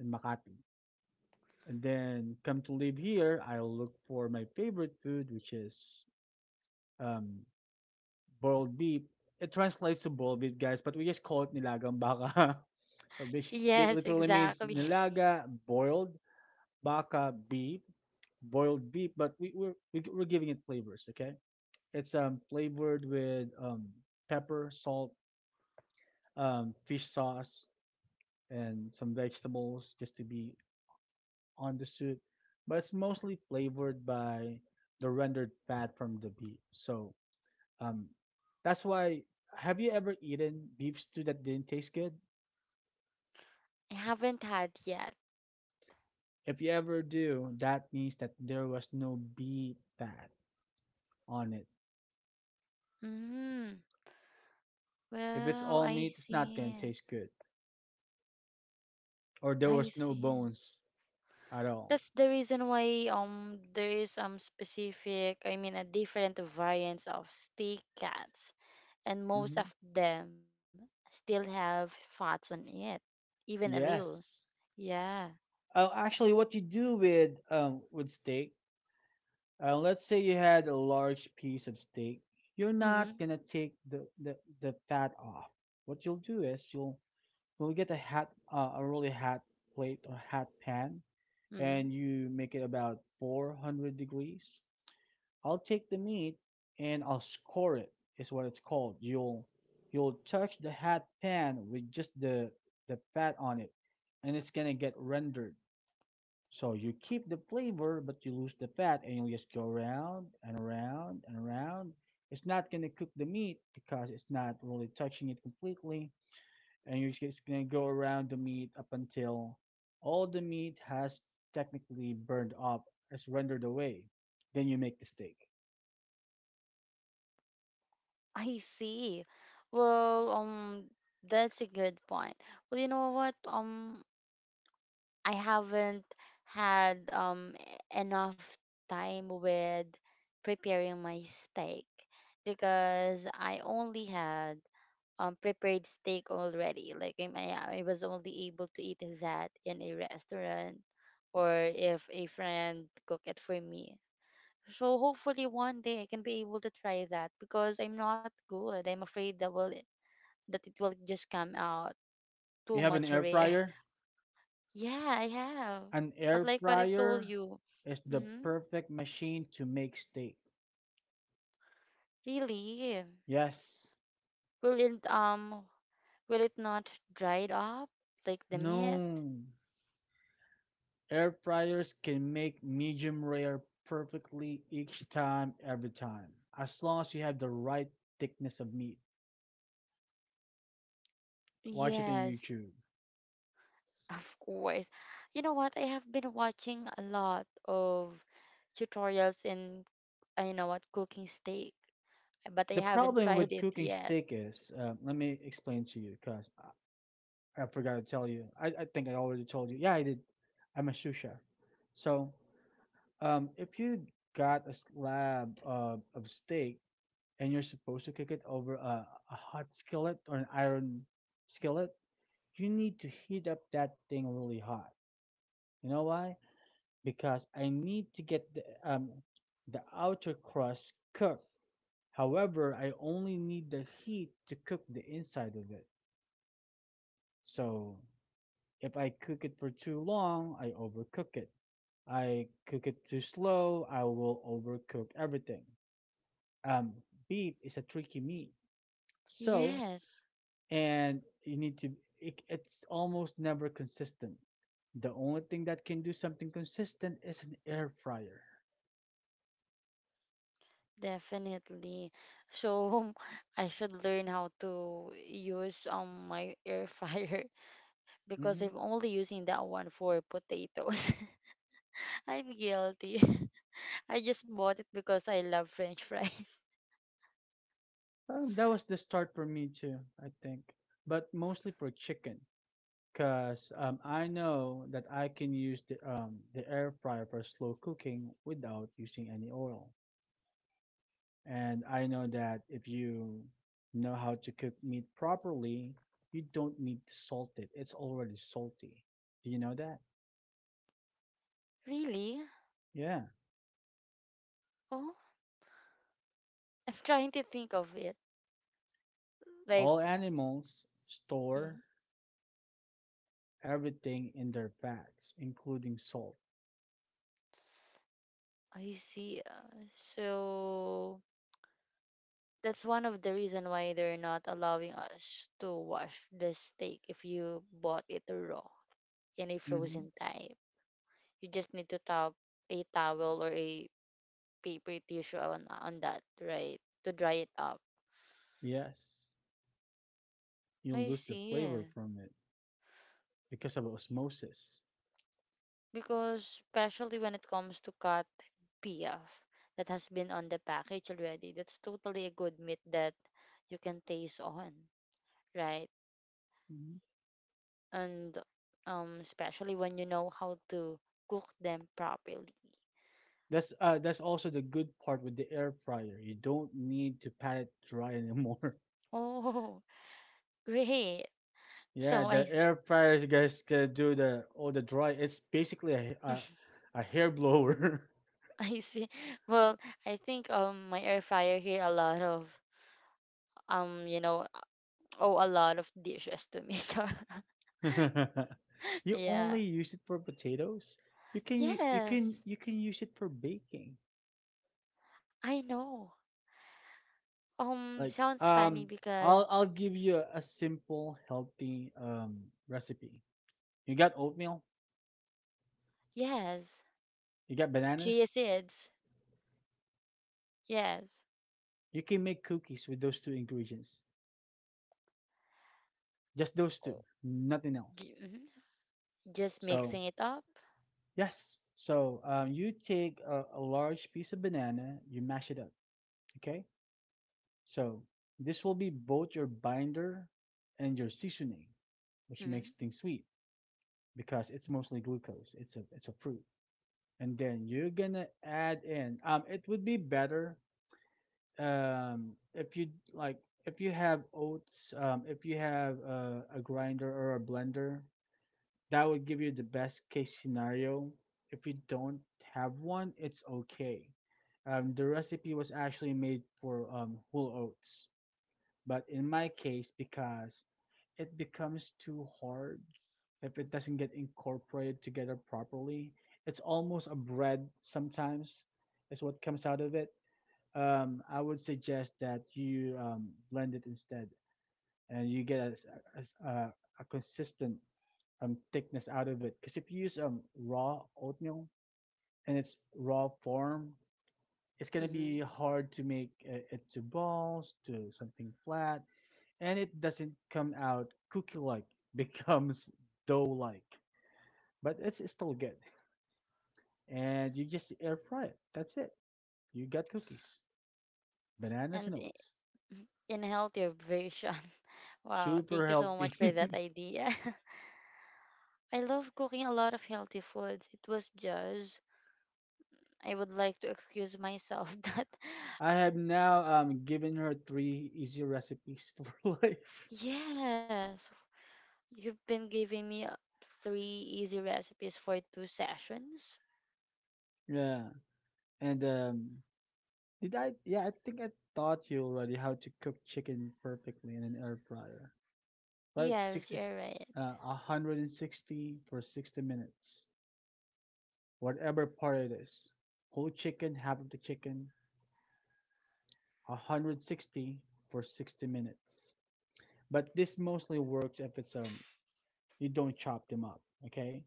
S1: in Makati. And then come to live here, I look for my favorite food, which is um, boiled beef. It translates to boiled beef, guys, but we just call it nilagang baka, [LAUGHS] which
S2: Yes,
S1: literally means
S2: exactly. [LAUGHS]
S1: nilaga boiled, baka beef, boiled beef, but we, we're we, we're giving it flavors. Okay, it's um flavored with um pepper, salt, um fish sauce, and some vegetables just to be on the soup. But it's mostly flavored by the rendered fat from the beef. So um that's why. Have you ever eaten beef stew that didn't taste good?
S2: I haven't had yet.
S1: If you ever do, that means that there was no beef fat on it.
S2: Mm.
S1: If it's
S2: Well,
S1: all
S2: I
S1: meat, it's not gonna
S2: see.
S1: taste good. Or there
S2: I
S1: was no
S2: see.
S1: bones at all.
S2: That's the reason why um there is um specific, I mean, a different variants of steak cats, and most of
S1: Hmm.
S2: them still have fats on it, even a little.
S1: Yes.
S2: Yeah.
S1: Oh, actually, what you do with um with steak, uh, let's say you had a large piece of steak, you're not
S2: Mhm.
S1: gonna take the the, the fat off. What you'll do is you'll you'll get a hot uh, a really hot plate or hot pan, and
S2: Mhm.
S1: you make it about four hundred degrees. I'll take the meat and I'll score it is what it's called. You'll you'll touch the hot pan with just the the fat on it, and it's gonna get rendered. So you keep the flavor but you lose the fat, and you'll just go around and around and around. It's not gonna cook the meat because it's not really touching it completely, and you're just gonna go around the meat up until all the meat has technically burned up, has rendered away. Then you make the steak.
S2: I see. Well, um that's a good point. Well, you know what? Um I haven't had um e- enough time with preparing my steak because I only had um prepared steak already. Like I, I I was only able to eat that in a restaurant or if a friend cook it for me. So hopefully one day I can be able to try that because I'm not good. I'm afraid that will that it will just come out too
S1: You have an
S2: much
S1: air
S2: rare.
S1: fryer?
S2: [LAUGHS] Yeah, I have.
S1: An
S2: But
S1: air
S2: like what I've told
S1: fryer
S2: you,
S1: is the
S2: mm-hmm,
S1: perfect machine to make steak.
S2: really,
S1: Yes.
S2: will it um will it not dried up like the meat?
S1: No. Air fryers can make medium rare perfectly each time, every time, as long as you have the right thickness of meat. Watch it on
S2: Yes.
S1: YouTube.
S2: Of course. You know what? I have been watching a lot of tutorials in, uh, you know what, cooking steak, but I
S1: The
S2: haven't [LAUGHS]
S1: problem
S2: tried
S1: with
S2: it
S1: cooking
S2: yet.
S1: steak is, uh, let me explain to you, because I, I forgot to tell you. I, I think I already told you. Yeah, I did. I'm a sous chef. So, Um, if you got a slab of, of steak and you're supposed to cook it over a, a hot skillet or an iron skillet, you need to heat up that thing really hot. You know why? Because I need to get the um the outer crust cooked. However, I only need the heat to cook the inside of it. So if I cook it for too long, I overcook it. I cook it too slow, I will overcook everything. um, Beef is a tricky meat. So,
S2: Yes,
S1: and you need to, it, it's almost never consistent. The only thing that can do something consistent is an air fryer.
S2: definitely. So [LAUGHS] I should learn how to use um my air fryer [LAUGHS] because
S1: Hmm.
S2: I'm only using that one for potatoes. [LAUGHS] I'm guilty. [LAUGHS] I just bought it because I love French fries. [LAUGHS]
S1: Um, that was the start for me too, I think, but mostly for chicken, cause, um, I know that I can use the um, the air fryer for slow cooking without using any oil. And I know that if you know how to cook meat properly, you don't need to salt it. It's already salty. Do you know that?
S2: Really?
S1: Yeah.
S2: Oh, I'm trying to think of it. Like,
S1: All animals
S2: mm-hmm.
S1: store everything in their backs, including salt.
S2: I see. Uh, so that's one of the reason why they're not allowing us to wash the steak if you bought it raw in a
S1: Hmm.
S2: frozen type. You just need to top a towel or a paper tissue on on that, right? To dry it up.
S1: Yes. You
S2: I
S1: lose the
S2: see,
S1: flavor
S2: yeah.
S1: from it because of osmosis.
S2: Because especially when it comes to cut beef that has been on the package already, that's totally a good meat that you can taste on, right?
S1: Hmm.
S2: And um, especially when you know how to cook them properly.
S1: That's uh, that's also the good part with the air fryer. You don't need to pat it dry [LAUGHS] anymore.
S2: Oh, [LAUGHS] great.
S1: Yeah,
S2: So
S1: the
S2: I
S1: air fryer you guys can do the all the dry. It's basically a a,
S2: [LAUGHS]
S1: a hair blower.
S2: I see. Well, I think um my air fryer here a lot of um you know oh a lot of dishes to me.
S1: [LAUGHS]
S2: [LAUGHS]
S1: You
S2: Yeah.
S1: only use it for potatoes. You can u- you can
S2: Yes,
S1: you can use it for baking.
S2: I know. Um,
S1: Like,
S2: sounds funny
S1: um, I'll
S2: because
S1: I'll give you a simple healthy um recipe. You got oatmeal.
S2: yes,
S1: You got
S2: chia
S1: bananas.
S2: seeds. Yes,
S1: You can make cookies with those two ingredients. Just those two,
S2: oh,
S1: nothing else.
S2: j- mhm, just
S1: So
S2: mixing it up.
S1: Yes. So, um, you take a, a large piece of banana, you mash it up. Okay. So this will be both your binder and your seasoning, which makes
S2: Mm-hmm.
S1: things sweet because it's mostly glucose. It's a it's a fruit, and then you're gonna add in. Um, it would be better um if you, like, if you have oats, um, if you have uh, a grinder or a blender. That would give you the best case scenario. If you don't have one, it's okay. Um, the recipe was actually made for um, whole oats, but in my case, because it becomes too hard if it doesn't get incorporated together properly. It's almost a bread sometimes, is what comes out of it. Um, I would suggest that you, um, blend it instead, and you get a a, a, a consistent um, thickness out of it. Because if you use um, raw oatmeal in its raw form, it's gonna
S2: Mm-hmm.
S1: be hard to make uh, it to balls, to something flat, and it doesn't come out cookie-like. [LAUGHS] Becomes dough-like, but it's, it's still good. And you just air fry it. That's it. You got cookies, bananas and
S2: And
S1: oats.
S2: in healthier version. [LAUGHS] Wow,
S1: Super
S2: thank you so much
S1: healthy.
S2: for that
S1: [LAUGHS]
S2: idea. [LAUGHS] I love cooking a lot of healthy foods. It was just I would like to excuse myself [LAUGHS] that
S1: I have now um given her three easy recipes [LAUGHS] for life.
S2: yes, you've been giving me uh, three easy recipes for two sessions.
S1: Yeah. and um Did I? Yeah, I think I taught you already how to cook chicken perfectly in an air fryer. Right?
S2: Yes,
S1: Sixty,
S2: you're right.
S1: uh, one hundred sixty for sixty minutes. Whatever part it is. Whole chicken, half of the chicken, one hundred sixty for sixty minutes. But this mostly works if it's um you don't chop them up, okay?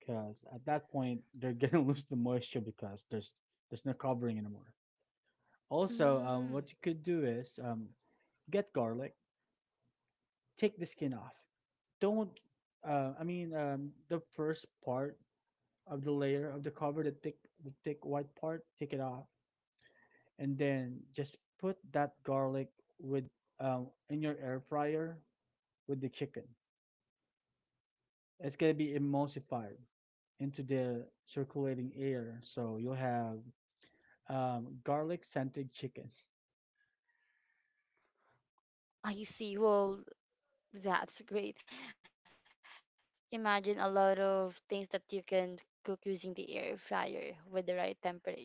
S1: Because at that point they're [LAUGHS] gonna lose the moisture because there's there's no covering anymore. Also,
S2: Mm,
S1: um, what you could do is, um, get garlic, take the skin off. Don't. Uh, I mean, um, the first part of the layer of the cover, the thick, the thick, white part, take it off, and then just put that garlic with um, in your air fryer with the chicken. It's gonna be emulsified into the circulating air, so you'll have um, garlic scented chicken.
S2: I see. Well, that's great. Imagine a lot of things that you can cook using the air fryer with the right temperature, and I hope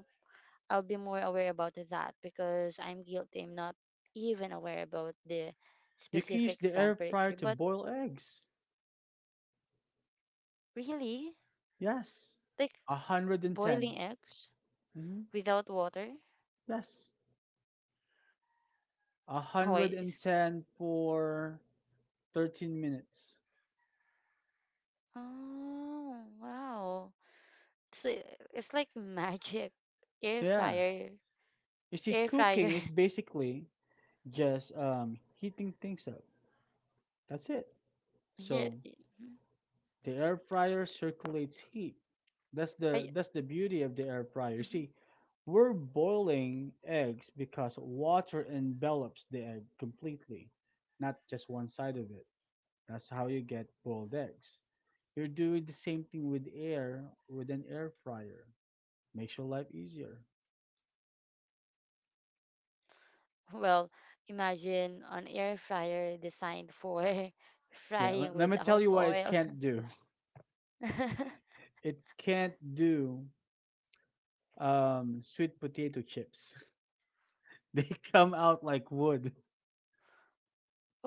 S2: I'll be more aware about that because I'm guilty. I'm not even aware about the
S1: You can
S2: specific
S1: use the air
S2: temperature.
S1: fryer
S2: But
S1: to boil eggs.
S2: really,
S1: Yes,
S2: like boiling
S1: one hundred ten.
S2: eggs
S1: Mm-hmm.
S2: without water?
S1: Yes.
S2: Oh, wait, it's
S1: one hundred ten for thirteen minutes.
S2: oh wow. It's like, it's like magic. Air
S1: Yeah.
S2: fryer,
S1: You see,
S2: air
S1: cooking
S2: fryer.
S1: is basically just um, heating things up. That's it.
S2: [LAUGHS] Yeah,
S1: So
S2: mhm.
S1: the air fryer circulates heat. That's the
S2: I
S1: that's the beauty of the air fryer. You
S2: [LAUGHS]
S1: see,
S2: Mhm.
S1: we're boiling eggs because water envelops the egg completely, not just one side of it. That's how you get boiled eggs. You're doing the same thing with air with an air fryer. Makes your life easier.
S2: Well, imagine an air fryer designed for [LAUGHS]
S1: Yeah,
S2: frying
S1: let, let me tell
S2: without
S1: you what it
S2: oil.
S1: can't do. [LAUGHS]
S2: [LAUGHS]
S1: It can't do um, sweet potato chips. [LAUGHS] They come out like wood. [LAUGHS]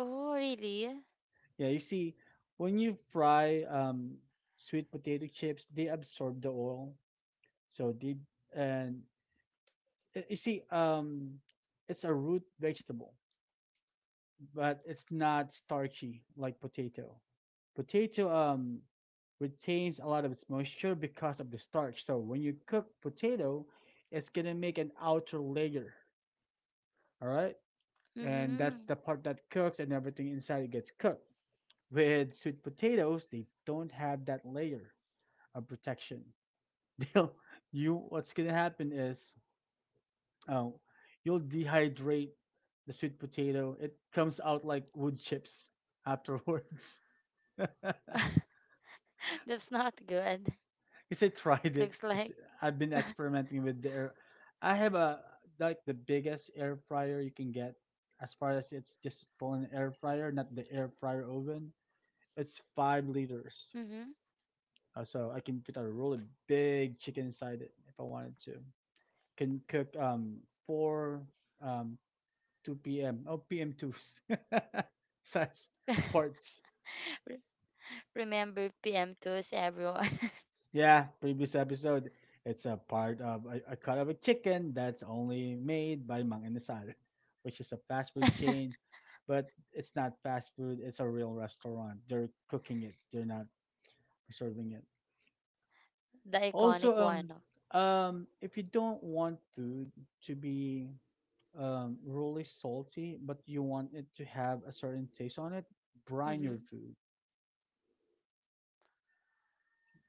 S2: Oh really?
S1: Yeah, you see, when you fry um, sweet potato chips, they absorb the oil. So they and uh, you see, um, it's a root vegetable, but it's not starchy like potato. Potato um retains a lot of its moisture because of the starch. So when you cook potato, it's gonna make an outer layer. All right, and that's the
S2: Mhm.
S1: part that cooks, and everything inside it gets cooked. With sweet potatoes, they don't have that layer of protection. [LAUGHS] you What's gonna happen is, uh, you'll dehydrate the sweet potato. It comes out like wood chips afterwards. [LAUGHS]
S2: [LAUGHS] That's not good.
S1: Because I tried
S2: Looks
S1: it.
S2: like.
S1: Because I've been experimenting with the air. I have a like the biggest air fryer you can get. As far as it's just an air fryer, not the air fryer oven. It's five
S2: Mhm.
S1: liters, Uh, so I can fit a really big chicken inside it if I wanted to. Can cook um four um two p m oh p m twos [LAUGHS] size parts.
S2: Re- Remember P M twos, everyone. [LAUGHS]
S1: Yeah, previous episode. It's a part of a, a cut of a chicken that's only made by Mang Inasal, which is a fast food chain, but it's not fast food. It's a real restaurant. They're cooking it. They're not preserving it.
S2: The iconic
S1: Also, um,
S2: one.
S1: um, if you don't want food to be um, really salty, but you want it to have a certain taste on it, brine your
S2: Mhm.
S1: food.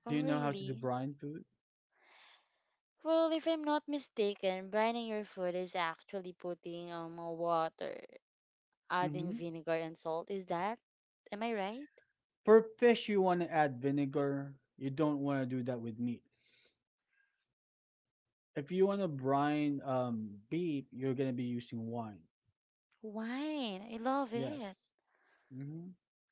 S2: Oh,
S1: Do you know how to do
S2: really?
S1: brine food?
S2: Well, if I'm not mistaken, brining your food is actually putting um water, adding
S1: Mm-hmm.
S2: vinegar and salt. Is that? Am I right?
S1: For fish, you want to add vinegar. You don't want to do that with meat. If you want to brine um, beef, you're going to be using wine.
S2: Wine. I love it.
S1: Yes. Hmm.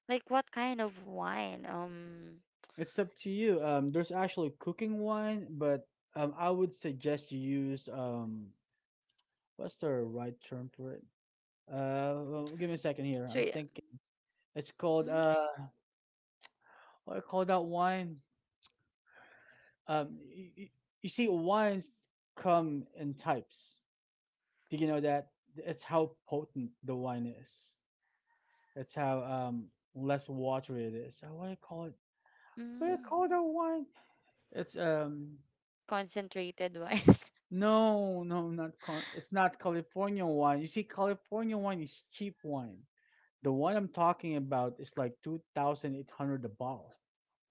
S2: Like what kind of wine? Um.
S1: It's up to you. Um, there's actually cooking wine, but, um, I would suggest you use, um, what's the right term for it? Uh, well, give me a second
S2: So
S1: here.
S2: yeah.
S1: I'm thinking. It's called,
S2: Mm,
S1: uh,
S2: s-
S1: what do you call that wine? Um, y y- you see, wines come in types. Do you know that? It's how potent the wine is. That's how um less watery it is. So what do you call it? What do you
S2: mm,
S1: call the wine? It's um
S2: concentrated wine. [LAUGHS]
S1: No, no, not con- it's not California wine. You see, California wine is cheap wine. The one I'm talking about is like two thousand eight hundred a bottle.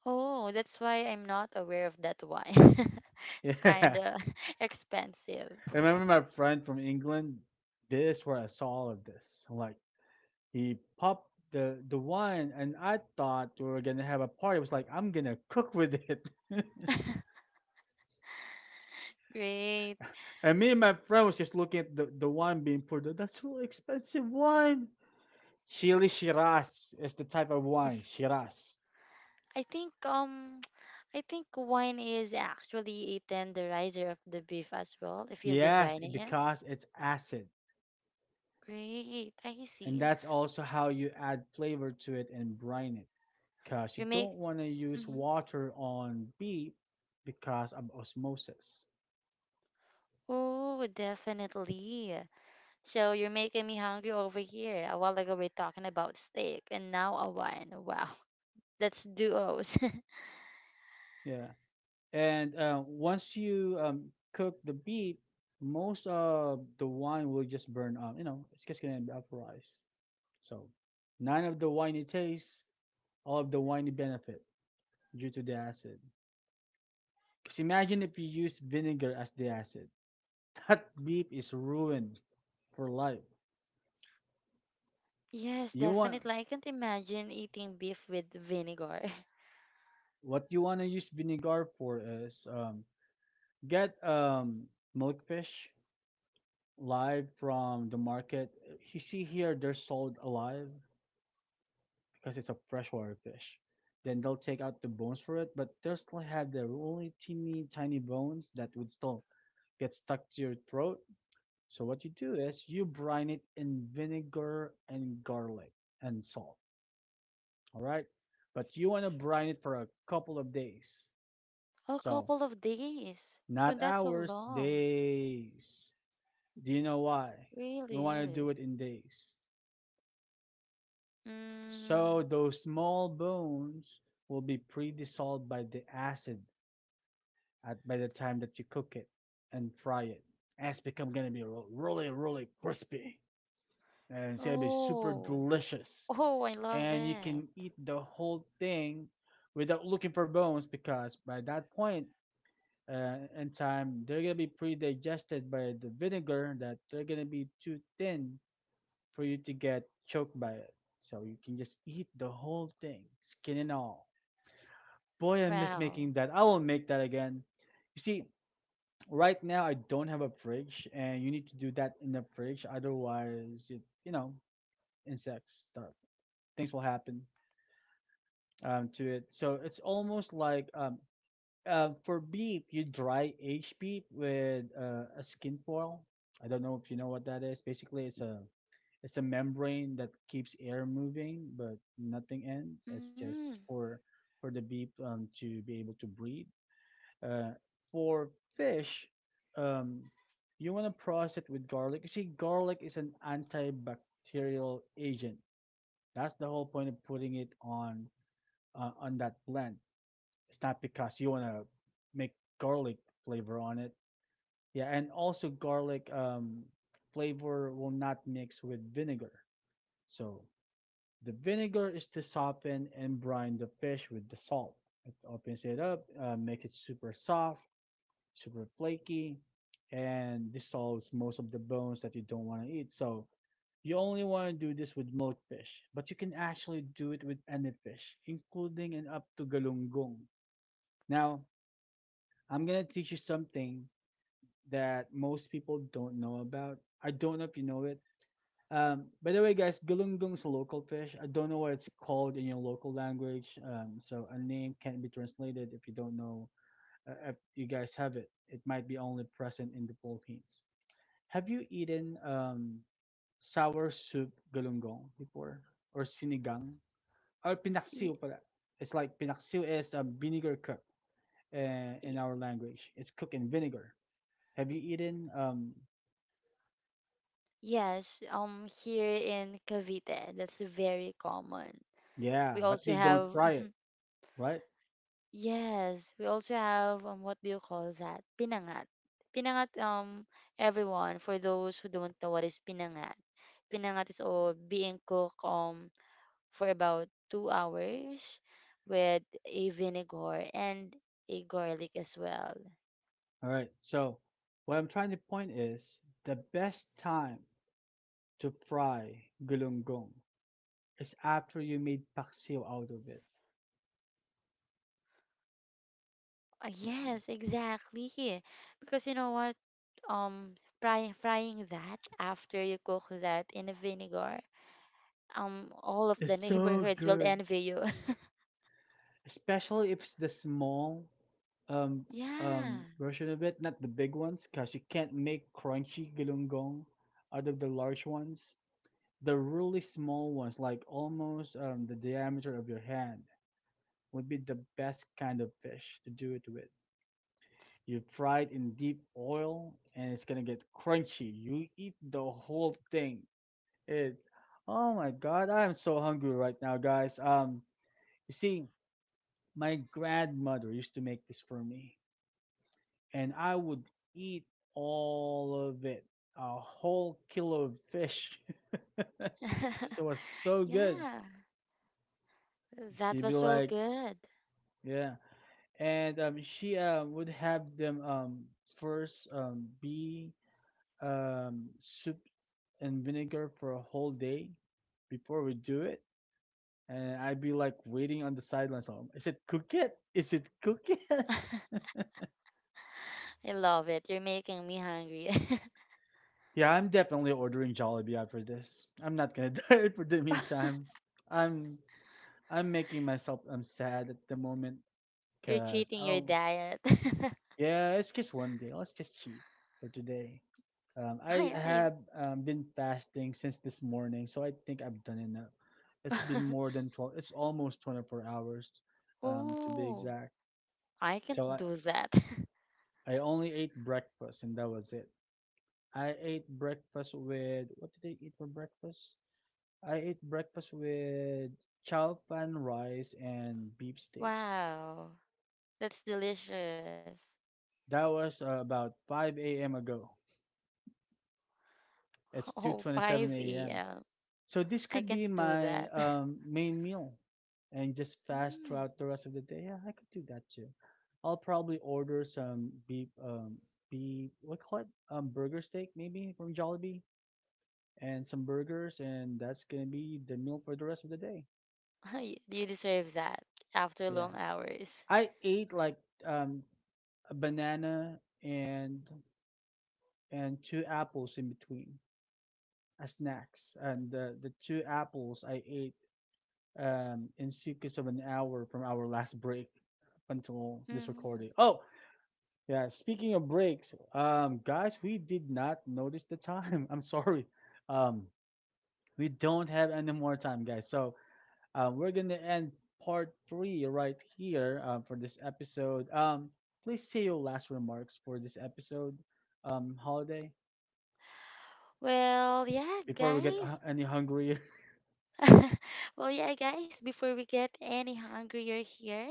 S2: Oh, that's why I'm not aware of that one. [LAUGHS] It's kind
S1: [LAUGHS]
S2: of [LAUGHS] expensive.
S1: Yeah, remember my friend from England? This is where I saw all of this. Like, he popped the the wine, and I thought we were gonna have a party. I was like, I'm gonna cook with it. [LAUGHS]
S2: [LAUGHS] Great.
S1: And me and my friend was just looking at the, the wine being poured. Out. That's so expensive wine. Chili Shiraz is the type of wine. Shiraz.
S2: I think um [TSK] I think wine is actually a tenderizer of the beef as well if you'll be
S1: Yes,
S2: brining it.
S1: because it's acid.
S2: Great. I
S1: And
S2: see.
S1: that's also how you add flavor to it and brine it. Because
S2: You
S1: you
S2: make
S1: don't want to use
S2: mm
S1: water on beef because of osmosis.
S2: Oh, definitely. So you're making me hungry over here. A while ago we're talking about steak and now a wine. Wow. [LAUGHS] That's duos. [LAUGHS]
S1: Yeah. And uh, once you, um, cook the beef, most of the wine will just burn up. You know, it's just going to vaporize. So none of the wine you taste, all of the wine you benefit due to the acid. Because imagine if you use vinegar as the acid. That beef is ruined for life.
S2: Yes,
S1: You
S2: definitely.
S1: want
S2: I can't imagine eating beef with vinegar. [LAUGHS]
S1: What you want to use vinegar for is, um, get, um, milkfish live from the market. You see here they're sold alive because it's a freshwater fish. Then they'll take out the bones for it, but they'll still have their only teeny tiny bones that would still get stuck to your throat. So what you do is you brine it in vinegar and garlic and salt. All right. But you want to brine it for a couple of days.
S2: A
S1: So
S2: couple of days. So
S1: not
S2: that's so
S1: hours,
S2: long.
S1: days. Do you know why? You want to
S2: Really?
S1: do it in days.
S2: Mm.
S1: So those small bones will be pre-dissolved by the acid at by the time that you cook it and fry it. And it's become gonna be really, really crispy. And it's gonna be super
S2: Oh.
S1: delicious.
S2: Oh, I love
S1: And you
S2: it.
S1: can eat the whole thing without looking for bones because by that point uh, in time, they're gonna be pre-digested by the vinegar that they're gonna be too thin for you to get choked by it. So you can just eat the whole thing, skin and all. Boy, I miss making
S2: Wow.
S1: that. I will make that again. You see, right now I don't have a fridge, and you need to do that in the fridge, otherwise, it, you know, insects stuff. Things will happen um, to it. So it's almost like um, uh, for beef, you dry aged beef with uh, a skin foil. I don't know if you know what that is. Basically, it's a it's a membrane that keeps air moving, but nothing in.
S2: Mm.
S1: It's just for for the beef um, to be able to breathe. Uh, for fish, um, you want to process it with garlic. You see, garlic is an antibacterial agent. That's the whole point of putting it on uh, on that blend. It's not because you want to make garlic flavor on it. Yeah, and also garlic um, flavor will not mix with vinegar. So the vinegar is to soften and brine the fish with the salt. It opens it up, uh, make it super soft, super flaky, and dissolves most of the bones that you don't want to eat. So you only want to do this with milk fish, but you can actually do it with any fish, including and up to galunggong. Now, I'm going to teach you something that most people don't know about. I don't know if you know it. Um, by the way, guys, galunggong is a local fish. I don't know what it's called in your local language. Um, so a name can't be translated if you don't know, uh, if you guys have it. It might be only present in the Philippines. Have you eaten um, sour soup galunggong before? Or sinigang? Or
S2: Y-
S1: pinaksiw pala. It's like pinaksiw is a vinegar cook uh, in
S2: y-
S1: our language. It's cooked in vinegar. Have you eaten? Um,
S2: yes, um here in Cavite, that's very common.
S1: yeah,
S2: We
S1: but
S2: also
S1: they don't
S2: have
S1: fry it, right?
S2: yes, we also have um what do you call that? Pinangat. Pinangat um everyone, for those who don't know what is pinangat. Pinangat is all being cooked um for about two hours with a vinegar and a garlic as well.
S1: All right. So what I'm trying to point is the best time to fry gulunggong is after you made paksiw out of it.
S2: Uh, yes, exactly. Because you know what? Um frying frying that after you cook that in a vinegar, um all of the
S1: It's so
S2: neighborhoods will
S1: good,
S2: envy you.
S1: especially if it's the small um
S2: [LAUGHS] Yeah.
S1: um version of it, not the big ones, because you can't make crunchy gilunggong out of the large ones. The really small ones, like almost um the diameter of your hand, would be the best kind of fish to do it with. You fry it in deep oil and it's gonna get crunchy. You eat the whole thing. It's oh my god, I am so hungry right now, guys. Um, you see, my grandmother used to make this for me, and I would eat all of it, a whole kilo of fish. [LAUGHS] So
S2: [LAUGHS]
S1: it was so good.
S2: Yeah, that
S1: She'd be
S2: was so
S1: like,
S2: good.
S1: yeah, and um, she uh, would have them um first um be um, soup and vinegar for a whole day before we do it. And I'd be like waiting on the sidelines. Um, Is it cook it? Is it cook it? [LAUGHS]
S2: I love it. You're making me hungry.
S1: Yeah, I'm definitely ordering Jollibee after this. I'm not gonna [LAUGHS] diet for the
S2: [LAUGHS]
S1: meantime. I'm I'm making myself I'm sad at the moment
S2: You're
S1: because
S2: cheating your
S1: oh.
S2: diet.
S1: Yeah, it's just one day. Let's just cheat for today. Um,
S2: [LAUGHS]
S1: I
S2: I, I,
S1: have um, been fasting since this morning, so I think I've done enough. It's been
S2: [LAUGHS]
S1: more than twelve, it's almost twenty-four hours um, to be
S2: oh,
S1: exact.
S2: I can't
S1: So I,
S2: do that. [LAUGHS]
S1: I only ate breakfast and that was it. I ate breakfast with, what did I eat for breakfast? I ate breakfast with chow pan rice and beef steak.
S2: Wow, that's delicious.
S1: That was uh, about five a m ago.
S2: [LAUGHS]
S1: It's
S2: Oh,
S1: 2:27
S2: 5
S1: a.m.
S2: a.m.
S1: So this
S2: I
S1: could
S2: can't
S1: be
S2: do
S1: my
S2: that. [LAUGHS]
S1: um, main meal and just fast
S2: Mm,
S1: throughout the rest of the day. Yeah, I could do that too. I'll probably order some beef, um, beef, what do you call it? Um, burger steak maybe from Jollibee and some burgers, and that's gonna be the meal for the rest of the day.
S2: [LAUGHS] y- you deserve that after
S1: Yeah,
S2: long hours.
S1: I ate like um, a banana and and two apples in between as snacks, and the the two apples I ate um, in secrets of an hour from our last break until this
S2: Mm.
S1: recording. Oh, yeah. Speaking of breaks, um, guys, we did not notice the time. [LAUGHS] I'm sorry. Um, we don't have any more time, guys. So uh, we're gonna end part three right here uh, for this episode. Um, please say your last remarks for this episode, um, Holiday,
S2: Well, yeah,
S1: before we get hu-
S2: guys,
S1: any hungrier.
S2: [LAUGHS] well, yeah, guys, before we get any hungrier here,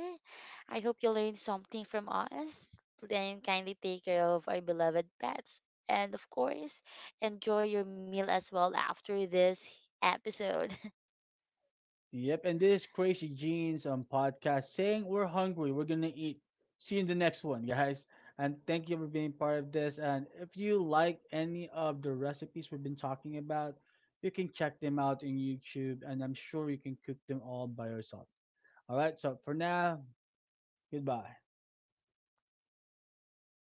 S2: I hope you learned something from us. Then kindly take care of our beloved pets. And of course, enjoy your meal as well after this episode.
S1: Yep, and this is Crazy Jeans on podcast saying we're hungry, we're gonna eat. See you in the next one, guys. And thank you for being part of this. And if you like any of the recipes we've been talking about, you can check them out in YouTube, and I'm sure you can cook them all by yourself. All right, so for now, goodbye.